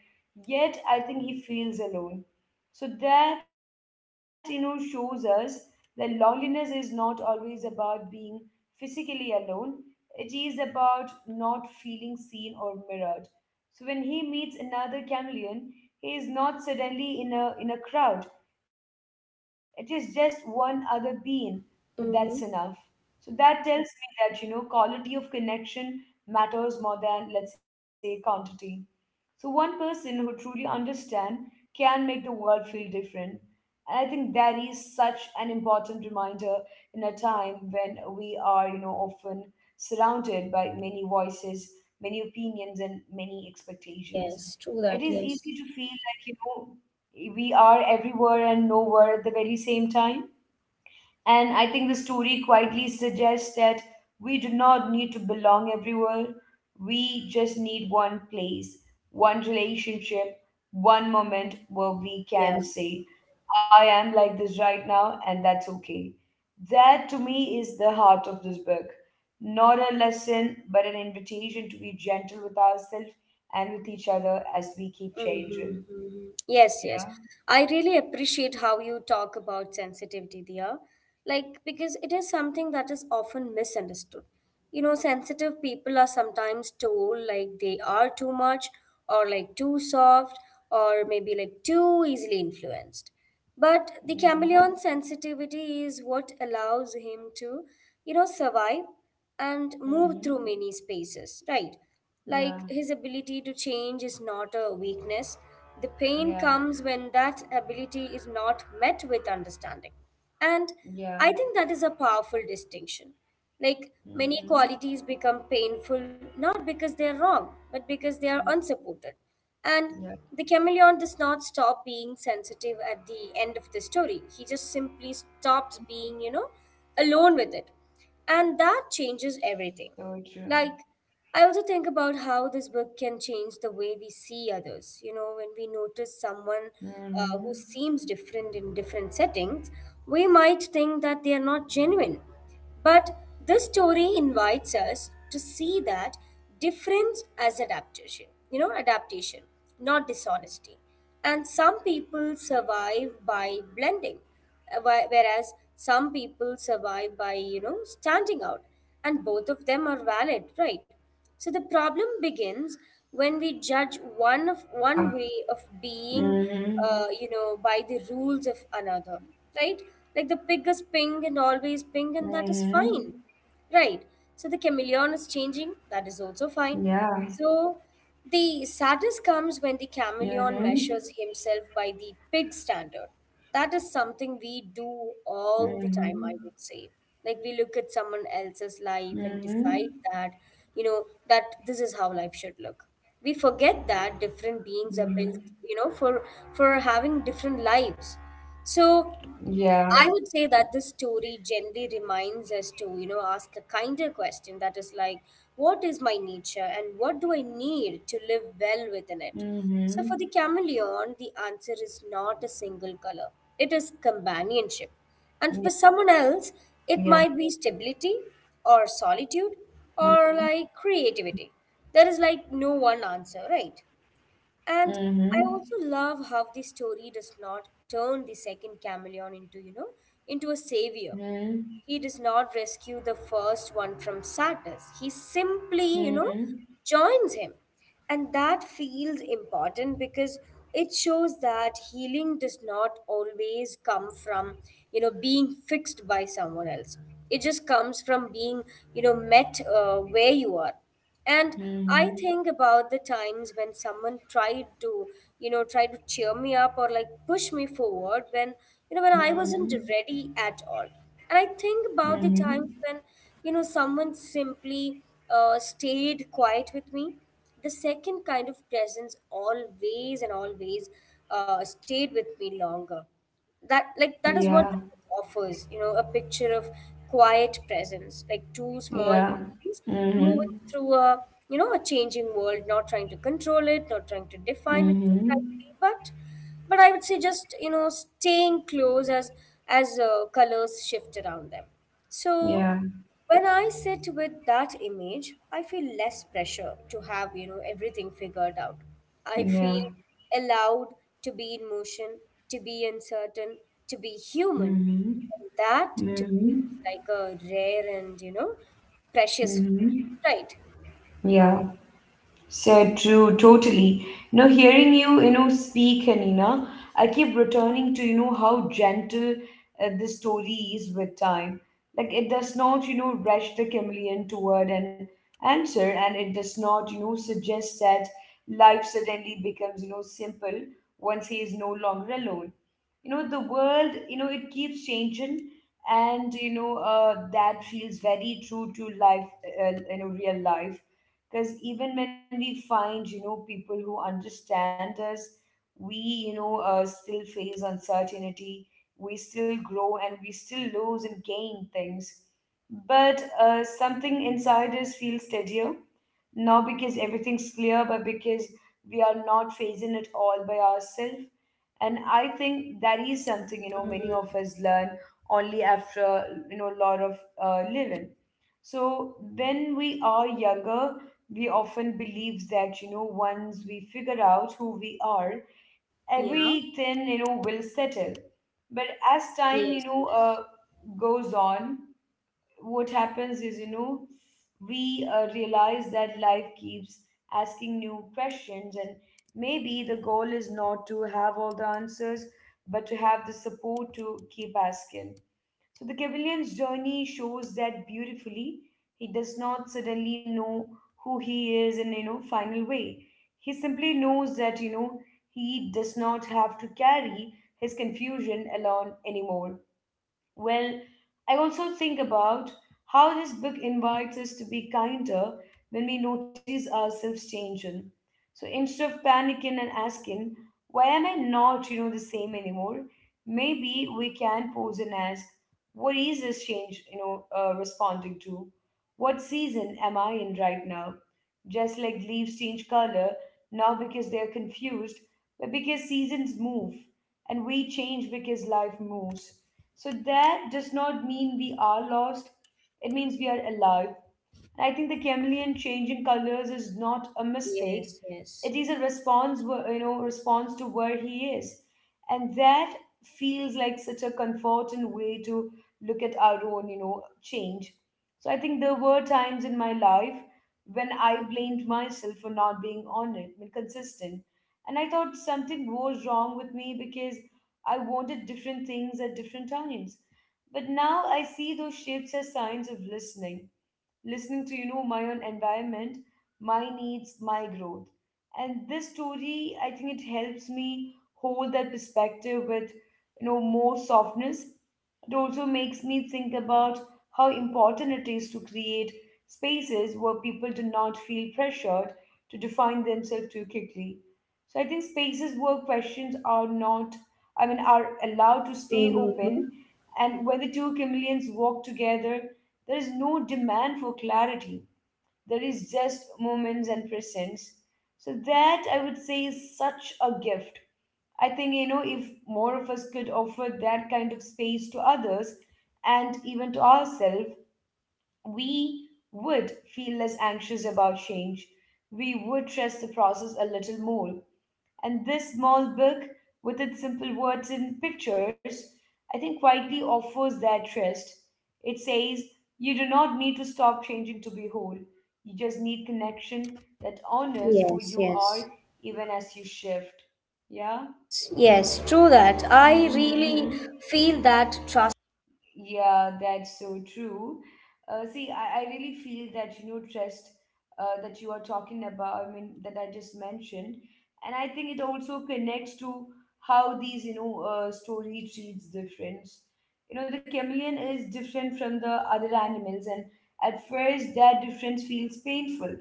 S1: yet I think he feels alone. So that, you know, shows us that loneliness is not always about being physically alone, it is about not feeling seen or mirrored. So when he meets another chameleon, he is not suddenly in a in a crowd. It is just one other being, but that's enough. So
S2: Mm-hmm.
S1: that tells me that, you know, quality of connection matters more than, let's say, quantity. So one person who truly understands can make the world feel different. And I think that is such an important reminder in a time when we are, you know, often surrounded by many voices, many opinions, and many expectations. It
S2: Yes.
S1: is
S2: True that.
S1: easy to
S2: Yes.
S1: feel like, you know, we are everywhere and nowhere at the very same time. And I think the story quietly suggests that we do not need to belong everywhere. We just need one place, one relationship, one moment where we
S2: Yeah.
S1: can say, I am like this right now, and that's okay. That to me is the heart of this book. Not a lesson, but an invitation to be gentle with ourselves and with each other as we keep
S2: Mhm,
S1: changing.
S2: mhm. Yes, yes.
S1: Yeah.
S2: I really appreciate how you talk about sensitivity there. Like, because it is something that is often misunderstood. You know, sensitive people are sometimes told like they are too much or like too soft or maybe like too easily influenced. But the chameleon
S1: Mm-hmm.
S2: sensitivity is what allows him to, you know, survive and move through many
S1: Mm-hmm.
S2: spaces, right? Like his
S1: Yeah.
S2: ability to change is not a weakness. The pain comes
S1: Yeah.
S2: when that ability is not met with understanding. And I
S1: Yeah.
S2: think that is a powerful distinction. Like many qualities
S1: Mm-hmm.
S2: become painful not because they are wrong, but because they are
S1: Yeah,
S2: unsupported. And the
S1: yeah,
S2: chameleon does not stop being sensitive at the end of the story. He just simply stops being, you know, alone with it. And that changes
S1: so
S2: everything.
S1: true.
S2: Like, I also think about how this book can change the way we see others. You know, when we notice someone
S1: Mm-hmm.
S2: uh, who seems different in different settings, we might think that they are not
S1: Mm-hmm.
S2: genuine. But this story
S1: Yeah.
S2: invites us to see that difference as adaptation, you know, adaptation, not dishonesty. And some
S1: Mm-hmm.
S2: people survive by blending,
S1: Mm-hmm.
S2: uh, whi- whereas some people survive by, you know,
S1: Yeah,
S2: standing out.
S1: that's
S2: And
S1: uh,
S2: both of them are
S1: true. I mean,
S2: valid, right?
S1: I
S2: So the
S1: totally
S2: problem
S1: second to what you're
S2: begins
S1: saying.
S2: when we judge one of
S1: Yeah.
S2: one way of being,
S1: Mm-hmm.
S2: uh, you know, by the rules of another, right? Like the pig is pink and always pink,
S1: Mm-hmm.
S2: and that is fine, right? So the chameleon is
S1: Yeah.
S2: changing, that is also fine. So the sadness comes
S1: Mm-hmm.
S2: when the chameleon measures himself by the pig standard. That is something we do
S1: Mm-hmm.
S2: all the time, I would say. Like we look at someone else's life and
S1: Mm-hmm.
S2: decide that, you know, that this is how life should look. We forget that different beings are
S1: Mm-hmm.
S2: built, you know, for for having different lives. So
S1: Yeah.
S2: I would say that this story generally reminds us to, you know, ask a kinder question, that is like, what is my nature and what do I need to live well within it? So for
S1: Mm-hmm.
S2: the chameleon, the answer is not a single color, it is
S1: Yeah.
S2: companionship. And for someone
S1: Yeah.
S2: else, it might be stability or solitude
S1: Mm-hmm.
S2: or like creativity. There is like no one answer, right? And I
S1: Mm-hmm.
S2: also love how the story does not turn the second chameleon into, you know, into a savior. He does not rescue the first one from sadness. He simply, you know,
S1: Mm-hmm.
S2: joins him. And that feels important because it shows that healing does not always come from, you know, being fixed by someone else. It just comes from being, you know, met uh, where you are. And I think
S1: Mm-hmm.
S2: about the times when someone tried to, you know, try to cheer me up or like push me forward when, you know, when I wasn't
S1: Mm-hmm.
S2: ready at all. And I think about the times
S1: Mm-hmm.
S2: when, you know, someone simply uh, stayed quiet with me. The second kind of presence always and always uh, stayed with me longer. That,
S1: Yeah.
S2: like, that is what the book offers you know a picture of quiet presence, like two
S1: Yeah.
S2: small beings, means
S1: Mm-hmm.
S2: moving through a you know a changing world, not trying to control it, not trying to define it too tightly,
S1: Mm-hmm.
S2: but but I would say, just you know staying close as as uh, colors shift around them. So
S1: Yeah.
S2: when I sit with that image, I feel less pressure to have you know everything figured out. I feel
S1: Yeah.
S2: allowed to be in motion, to be uncertain, to be human.
S1: Mm-hmm.
S2: And that, to
S1: Mm-hmm.
S2: me, is like a rare and, you know, precious
S1: Mm-hmm.
S2: feeling, right?
S1: Yeah. So true, totally. You know, hearing you, you know, speak, Hanina, I keep returning to, you know, how gentle uh, this story is with time. Like it does not, you know, rush the chameleon toward an answer, and it does not, you know, suggest that life suddenly becomes, you know, simple once he is no longer alone. You know, the world, you know, it keeps changing, and you know, uh, that feels very true to life, uh, you know, real life, because even when we find, you know, people who understand us, we, you know, uh, still face uncertainty. We still grow, and we still lose and gain things, but uh, something inside us feels steadier, not because everything's clear, but because we are not facing it all by ourselves. And I think that is something, you know, many of us learn only after, you know, a lot of uh, living. So when we are younger, we often believe that, you know, once we figure out who we are,
S2: Yeah.
S1: everything, you know, will settle. But as time,
S2: Yes.
S1: you know,
S2: Yes.
S1: uh, goes on, what happens is, you know, we, uh, realize that life keeps asking new questions, and maybe the goal is not to have all the answers but to have the support to keep asking. So the cavillion's journey shows that beautifully. He does not suddenly know who he is in, you know, final way. He simply knows that, you know, he does not have to carry his confusion alone anymore. Well, I also think about how this book invites us to be kinder when we notice ourselves changing. So instead of panicking and asking, why am I not, you know, the same anymore? Maybe we can pause and ask, what is this change, you know, uh, responding to? What season am I in right now? Just like leaves change color, not because they are confused, but because seasons move and we change because life moves. So that does not mean we are lost. It means we are alive. And I think the chameleon changing colors is not a mistake.
S2: Yes,
S1: It
S2: yes.
S1: is a response, wh- you know, response to where he is. And that feels like such a comforting way to look at our own, you know, change. So I think there were times in my life when I blamed myself for not being on it, I mean, consistent. And I thought something was wrong with me because I wanted different things at different times. But now I see those shifts as signs of listening listening to, you know, my own environment, my needs, my growth. And this story, I think, it helps me hold that perspective with, you know, more softness. It also makes me think about how important it is to create spaces where people do not feel pressured to define themselves too quickly. So I think spaces where questions are not I mean are allowed to stay
S2: Mm-hmm.
S1: open, and where the two chameleons walk together, there is no demand for clarity. There is just moments and presence. So that I would say is such a gift. I think, you know, if more of us could offer that kind of space to others and even to ourselves, we would feel less anxious about change. We would trust the process a little more. And this small book, with its simple words and pictures, I think quietly offers that rest. It says, you do not need to stop changing to be whole. You just need connection that honors who
S2: Yes,
S1: you
S2: yes.
S1: are even as you shift. Yeah?
S2: Yes, yes, true that. I really
S1: Hmm.
S2: feel that trust.
S1: Yeah, that's so true. Uh, see, I, I really feel that, you know, trust uh, that you are talking about, I mean, that I just mentioned. And I think it also connects to how these, you know, uh, story treats difference. You know, the chameleon is different from the other animals, and at first that difference feels painful.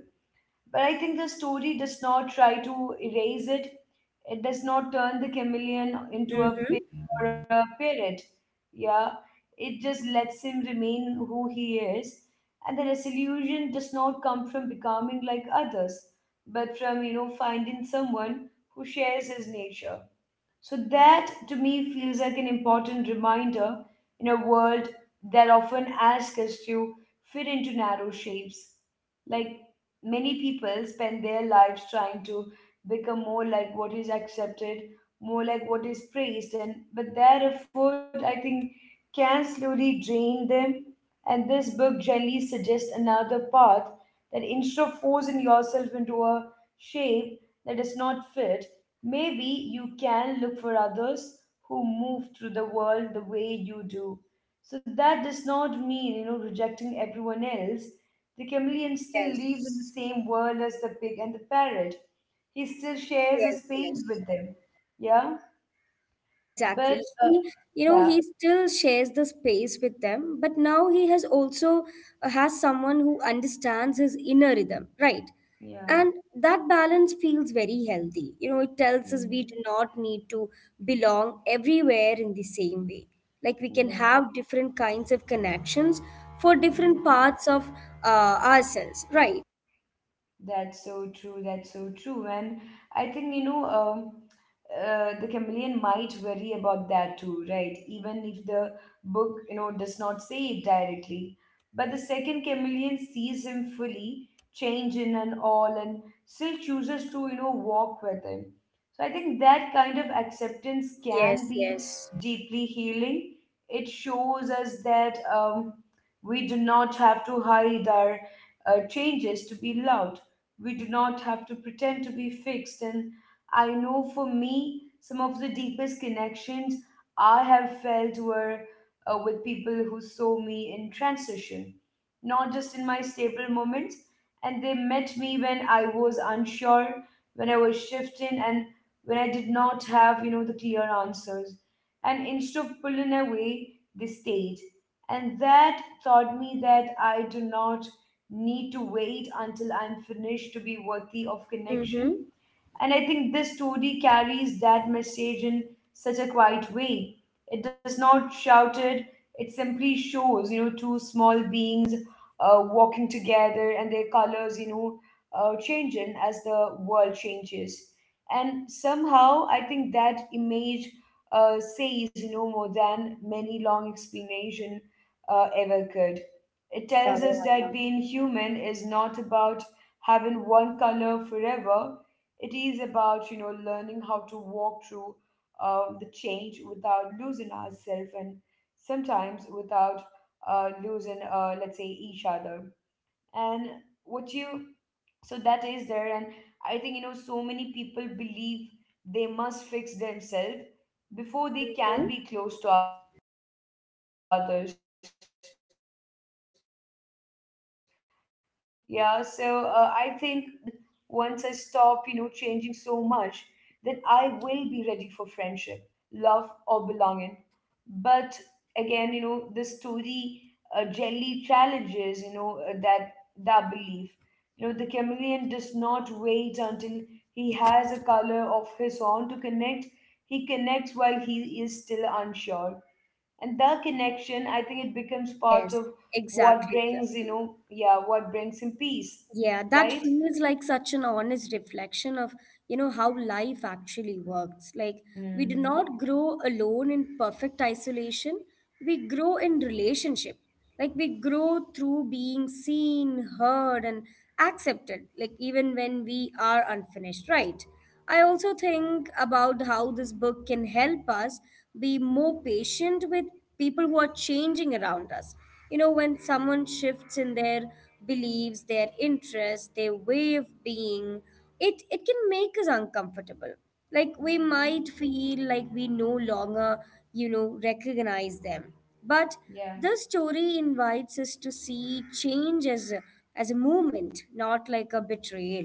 S1: But I think the story does not try to erase it. It does not turn the chameleon into a pig
S2: Mm-hmm.
S1: or a parrot. Yeah, it just lets him remain who he is. And the resolution does not come from becoming like others, but from, you know, finding someone who shares his nature. So that to me feels like an important reminder in a world that often asks us to fit into narrow shapes. Like many people spend their lives trying to become more like what is accepted, more like what is praised, and but that effort, I think, can slowly drain them. And this book generally suggests another path, that instead of forcing yourself into a shape that does not fit, maybe you can look for others who move through the world the way you do. So that does not mean, you know, rejecting everyone else. The chameleon still lives in the
S2: Yes,
S1: same world as the pig and the parrot. He still shares a
S2: yes,
S1: space
S2: yes.
S1: with them. Yeah,
S2: Exactly.
S1: but uh,
S2: He, you know,
S1: yeah,
S2: he still shares the space with them, but now he has also uh, has someone who understands his inner rhythm, right?
S1: yeah,
S2: And that balance feels very healthy. You know, it tells us we do
S1: hmm,
S2: not need to belong everywhere in the same way. Like, we can
S1: yeah.
S2: have different kinds of connections for different
S1: Hmm.
S2: parts of uh, ourselves, right?
S1: That's so true. That's so true. And I think, you know, um, uh, the chameleon might worry about that too, right? Even if the book, you know, does not say it directly. But the second chameleon sees him fully, change in and all, and still chooses to, you know, walk with him. So I think that kind of acceptance can
S2: Yes,
S1: be
S2: yes.
S1: deeply healing. It shows us that um, we do not have to hide our uh, changes to be loved. We do not have to pretend to be fixed. And I know for me, some of the deepest connections I have felt were uh, with people who saw me in transition, not just in my stable moments. And they met me when I was unsure, when I was shifting, and when I did not have, you know, the clear answers. And instead of pulling away, they stayed, and that taught me that I do not need to wait until I'm finished to be worthy of connection.
S2: Mm-hmm.
S1: And I think this story carries that message in such a quiet way. It does not shout it, it simply shows, you know, two small beings uh, walking together, and their colors, you know, uh, changing as the world changes. And somehow, I think that image uh, says, you know, more than many long explanation uh, ever could. It
S2: Yeah,
S1: tells us
S2: yeah, yeah.
S1: that being human is not about having one color forever. It is about, you know, learning how to walk through uh, the change without losing ourselves, and sometimes without uh, losing, uh, let's say, each other. And what you so that is there. And i think, you know so many people believe they must fix themselves before they can
S2: Mhm.
S1: be close to others. Yeah. So uh, i think once I figure myself out, once I am more confident, once I stop, you know, changing so much, then I will be ready for friendship, love, or belonging. But again, you know, the story, uh, jelly challenges, you know, uh, that that belief. You know, the chameleon does not wait until he has a color of his own to connect. He connects while he is still unsure, and the connection, I think, it becomes part
S2: Yes,
S1: of what
S2: exactly,
S1: brings, you
S2: exactly.
S1: know yeah, what brings him peace.
S2: Yeah, that
S1: Right.
S2: feels like such an honest reflection of, you know, how life actually works. Like, we do not
S1: Mm-hmm.
S2: grow alone in perfect isolation. We grow in relationship. Like, we grow through being seen, heard, and accepted, like, even when we are unfinished, right? I also think about how this book can help us be more patient with people who are changing around us. You know, when someone shifts in their beliefs, their interests, their way of being, it, it can make us uncomfortable. Like, we might
S1: Mm-hmm.
S2: feel like we no longer, you know, recognize them. But
S1: Yeah.
S2: this story invites us to see change as a, as a movement, not like a betrayal.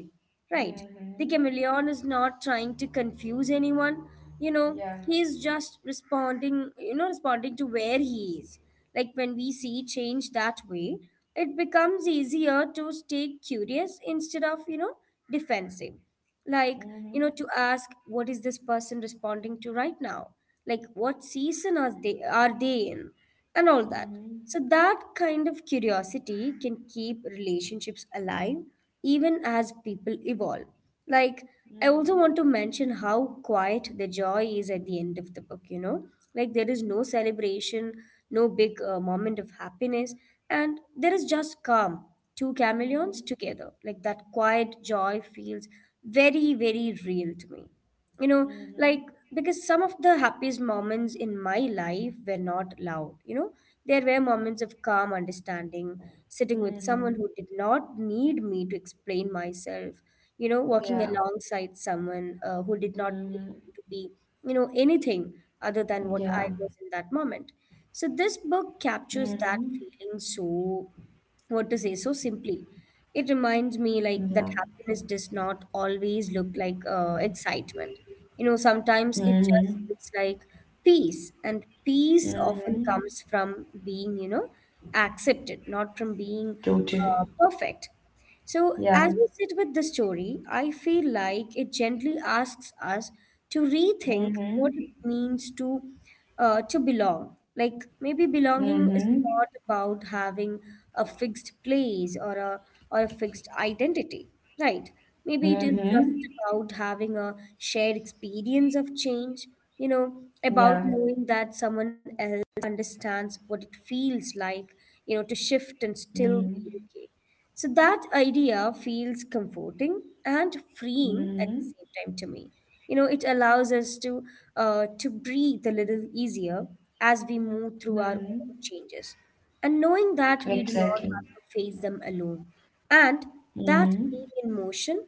S2: Right. The
S1: Mm-hmm.
S2: chameleon is not trying to confuse anyone. You know,
S1: Yeah.
S2: he's just responding, you know, responding to where he is. Like, when we see change that way, it becomes easier to stay curious instead of, you know, defensive, like, you know to
S1: Mm-hmm.
S2: ask, what is this person responding to right now, like what season are they are they in, and all that.
S1: Mm-hmm.
S2: So that kind of curiosity can keep relationships alive even as people evolve. Like, I also want to
S1: Mm-hmm.
S2: mention how quiet the joy is at the end of the book, you know? Like, there is no celebration, no big uh, moment of happiness, and there is just calm. Two chameleons
S1: Mm-hmm.
S2: together. Like, that quiet joy feels very, very real to me you know like,
S1: Mm-hmm.
S2: because some of the happiest moments in my life were not loud you know There were moments of calm understanding, sitting with someone who
S1: Mm-hmm.
S2: did not need me to explain myself you know walking
S1: Yeah.
S2: alongside someone uh, who did not need me to
S1: Mm-hmm.
S2: be you know anything other than what I
S1: Yeah.
S2: was in that moment. So this book
S1: Mm-hmm.
S2: captures that feeling, so, what to say, so simply. It reminds
S1: Yeah.
S2: me, like, that happiness does not always look like uh, excitement. You know, sometimes it
S1: Mm-hmm.
S2: just looks like peace, and peace often
S1: Mm-hmm.
S2: comes from being, you know, accepted, not from being uh,
S1: Totally.
S2: perfect. So, as we
S1: Yeah.
S2: sit with the story, I feel like it gently asks us to rethink what it
S1: Mm-hmm.
S2: means to uh, to belong. Like, maybe belonging is
S1: Mm-hmm.
S2: not about having a fixed place, or a or a fixed identity, right? Maybe it is just
S1: Mm-hmm.
S2: about having a shared experience of change, you know, about
S1: Yeah.
S2: knowing that someone else understands what it feels like, you know, to shift and still be
S1: Mm-hmm.
S2: okay. So that idea feels comforting and freeing at the same
S1: Mm-hmm.
S2: time to me. You know, it allows us to uh, to breathe a little easier as we move through our own
S1: Mm-hmm.
S2: changes, and knowing that we do not have
S1: Exactly.
S2: to face them alone, and that being in
S1: Mm-hmm.
S2: motion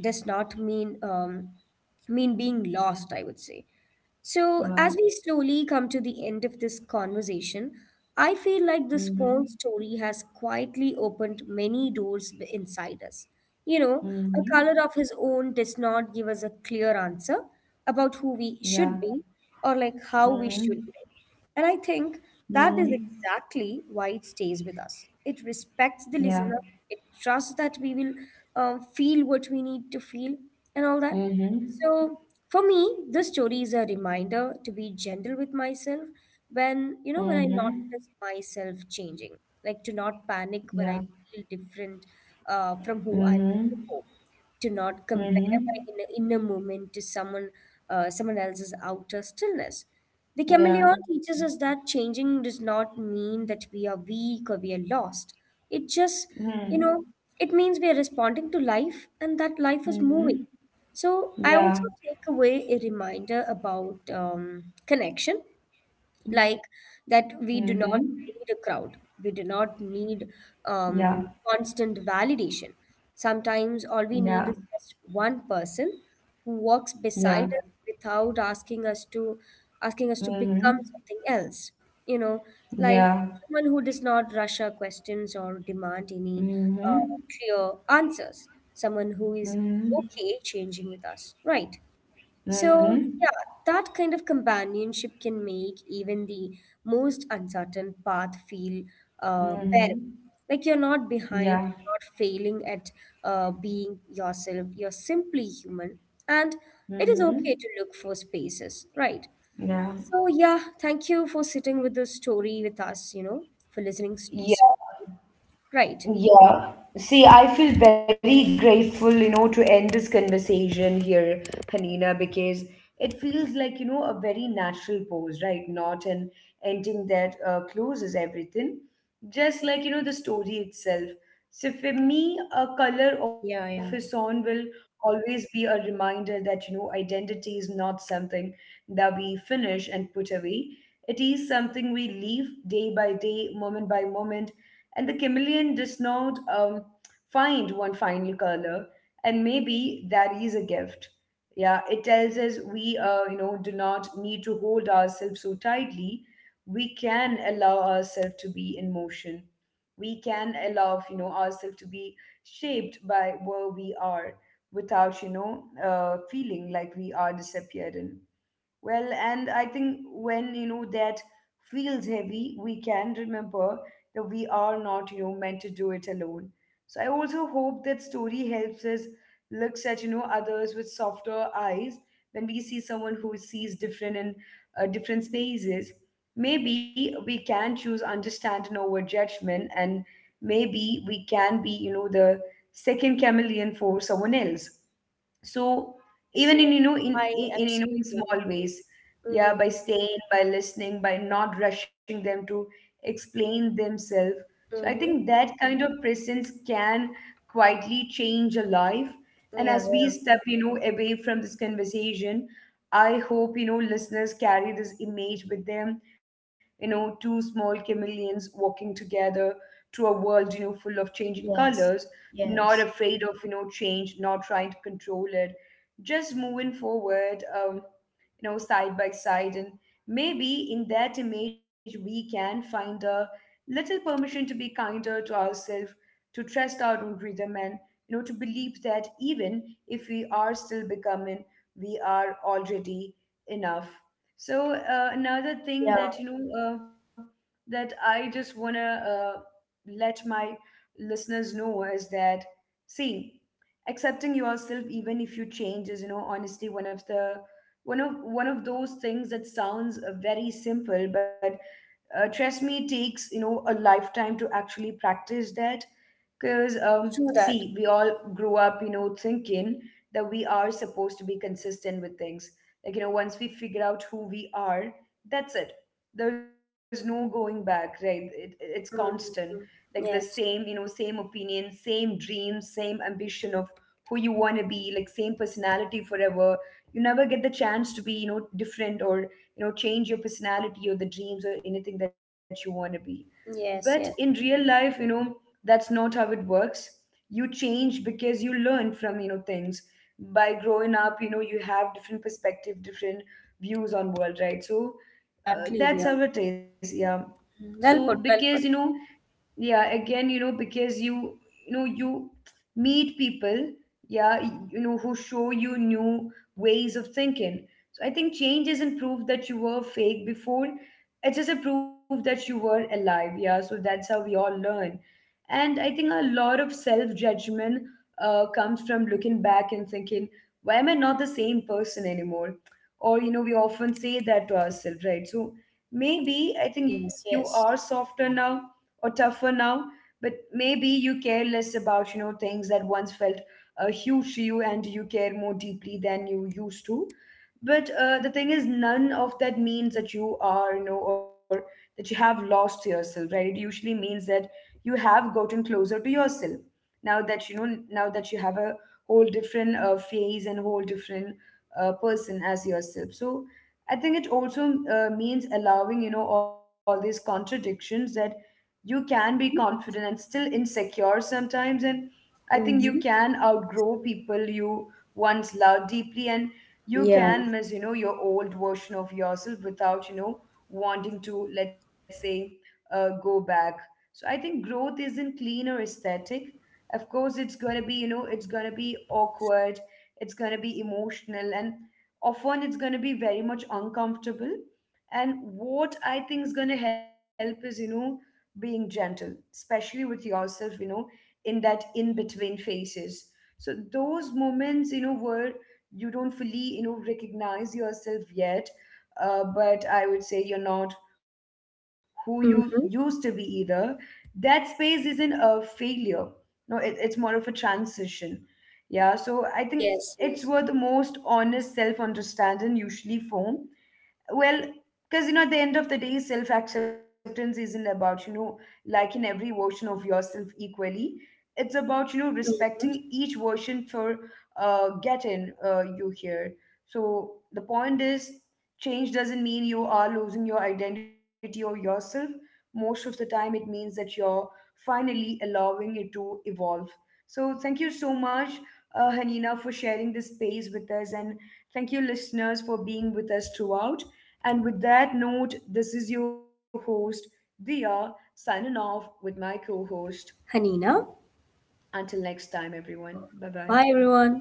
S2: does not mean um, mean being lost, I would say. So, as we
S1: Wow.
S2: slowly come to the end of this conversation, I feel like this small
S1: Mm-hmm.
S2: story has quietly opened many doors b- inside us. You know, a color of
S1: Mm-hmm.
S2: his own does not give us a clear answer about who we should be,
S1: Yeah.
S2: or like, how we should live.
S1: Mm-hmm.
S2: And I think that is
S1: Mm-hmm.
S2: exactly why it stays with us. It respects the listener,
S1: Yeah.
S2: it trusts that we will um, feel what we need to feel and all that. So
S1: Mm-hmm.
S2: for me, this story is a reminder to be gentle with myself when, you know, when I notice
S1: Mm-hmm.
S2: myself changing, like to not panic when I
S1: Yeah.
S2: feel different, uh, from who I was
S1: Mm-hmm.
S2: before, to not compare my inner,
S1: Mm-hmm.
S2: inner moment to someone uh, someone else's outer stillness. The chameleon
S1: Yeah.
S2: teaches us that changing does not mean that we are weak or we are lost. It just, you know,
S1: Mhm.
S2: it means we are responding to life, and that life is moving.
S1: Mhm.
S2: So I also take
S1: Ja.
S2: away a reminder about um, connection, like that
S1: Mhm.
S2: we do not need a crowd, we do not need
S1: Ja.
S2: um, constant validation. Sometimes all we
S1: Ja.
S2: need is just one person who walks beside
S1: Ja.
S2: us without asking us to asking us to become something
S1: Mhm.
S2: else, you know like
S1: Ja.
S2: someone who does not rush our questions or demand any uh,
S1: Mhm.
S2: clear answers, someone who is okay
S1: Mhm.
S2: changing with us, right? So, yeah,
S1: Mhm.
S2: that kind of companionship can make even the most uncertain path feel uh, bearable.
S1: Mhm.
S2: Like, you're not behind, you're
S1: Ja.
S2: not failing at uh, being yourself, you're simply human. And it is okay to
S1: Mhm.
S2: look for spaces, right? So, yeah, thank you for sitting with the story with us, you know, for listening. s- s-
S1: Yeah.
S2: Right.
S1: Yeah. See, I feel very grateful, you know, to end this conversation here, Hanina, because it feels like, you know, a very natural pose, right? Not an ending that uh, closes everything. Just like, you know, the story itself. So for me, a color of his
S2: Yeah,
S1: song
S2: yeah.
S1: will always be a reminder that, you know, identity is not something that we finish and put away. It is something we leave day by day, moment by moment, and the chameleon does not um, find one final color. And maybe that is a gift. Yeah, it tells us we uh, you know, do not need to hold ourselves so tightly. We can allow ourselves to be in motion. We can allow, you know, ourselves to be shaped by where we are without, you know, uh, feeling like we are disappearing. Well, and I think when, you know, that feels heavy, we can remember that we are not, you know, meant to do it alone. So I also hope that story helps us looks at, you know, others with softer eyes when we see someone who sees different in uh, different spaces. Maybe we can choose understanding over judgment, and maybe we can be, you know, the second chameleon for someone else. So
S2: Yes,
S1: even
S2: yes.
S1: in, you know, in,
S2: I
S1: in in, you know, in
S2: absolutely.
S1: small ways, yeah, by
S2: Mm-hmm.
S1: staying, by listening, by not rushing them to explain themselves. So I think
S2: Mm-hmm.
S1: that kind of presence can quietly change a life. And
S2: Yeah,
S1: as we
S2: yeah.
S1: step, you know, away from this conversation, I hope, you know, listeners carry this image with them, you know, two small chameleons walking together through a world, you know, full of changing colors,
S2: Yes.
S1: not
S2: Yes.
S1: afraid of, you know, change, not trying to control it, just moving forward. Um, you know, side by side. And maybe in that image, we can find a little permission to be kinder to ourselves, to trust our own rhythm, and, you know, to believe that even if we are still becoming, we are already enough. So, uh, another
S2: Yeah,
S1: thing that, you know, uh, that I just want to uh, let my listeners know is that, see, accepting yourself even if you change is, you know, honestly, one of the one of one of those things that sounds uh, very simple, but uh, trust me, it takes, you know, a lifetime to actually practice that. Because, um,
S2: true that.
S1: see, we all grew up, you know, thinking that we are supposed to be consistent with things. Like, you know, once we figure out who we are, that's it. There's no going back, right? It, it's constant.
S2: Mm-hmm.
S1: Like the same,
S2: Yes,
S1: you know, same opinion, same dream, same ambition of who you want to be, like same personality forever. You never get the chance to be, you know, different, or, you know, change your personality or the dreams or anything that you want to be. But
S2: yes,
S1: in
S2: yes.
S1: real life, you know, that's not how it works. You change because you learn from, you know, things. By growing up, you know, you have different perspective, different views on world, right? So uh,
S2: Exactly, yeah.
S1: that's how it is. Yeah.
S2: Mm,
S1: So
S2: well put,
S1: because,
S2: well
S1: you
S2: put.
S1: know, yeah, again, you know, because you you know, you meet people, yeah, y- you know, who show you new ways of thinking. So I think change isn't proof that you were fake before, it's just a proof that you were alive. Yeah, so that's how we all learn. And I think a lot of self judgment uh, comes from looking back and thinking, why am I not the same person anymore? Or, you know, we often say that to ourselves, right? So maybe, I think, you
S2: Yes.
S1: are
S2: Yes.
S1: softer now or tougher now, but maybe you care less about, you know, things that once felt uh, huge to you, and you care more deeply than you used to. But uh, the thing is, none of that means that you are, you know, or that you have lost yourself, right? It usually means that you have gotten closer to yourself. Now that you know, now that you have a whole different uh, phase and whole different uh, person as yourself. So I think it also uh, means allowing, you know, all these contradictions, that you can be
S2: Mm-hmm.
S1: confident and still insecure sometimes. And I think you
S2: Mm-hmm.
S1: can outgrow people you once loved deeply, and you
S2: Yeah.
S1: can miss, you know, your old version of yourself without, you know, wanting to, let's say, uh, go back. So I think growth isn't clean or aesthetic. Of course it's gonna be, you know, it's gonna be awkward, it's gonna be emotional, and often it's gonna be very much uncomfortable. And what I think is gonna help is, you know, being gentle, especially with yourself, you know, in that in between phases. So those moments, you know, where you don't fully, you know, recognize yourself yet, uh, but I would say you're not who you used to be
S2: Mm-hmm.
S1: either. That space isn't a failure. No, it, it's more of a transition. Yeah, so I think it's
S2: Yes,
S1: where the
S2: yes.
S1: most honest self understanding usually form. Well, because, you know, at the end of the day, self acceptance isn't about, you know, liking every version of yourself equally. It's about, you know, respecting
S2: Mm.
S1: each version for uh getting uh you here. So the point is, change doesn't mean you are losing your identity or yourself. Most of the time it means that you're finally allowing it to evolve. So thank you so much, uh, Hanina, for sharing this space with us, and thank you, listeners, for being with us throughout. And with that note, this is your host, Dia, signing off with my co-host.
S2: Hanina,
S1: Until next time, everyone. Bye
S2: bye
S1: bye.
S2: everyone.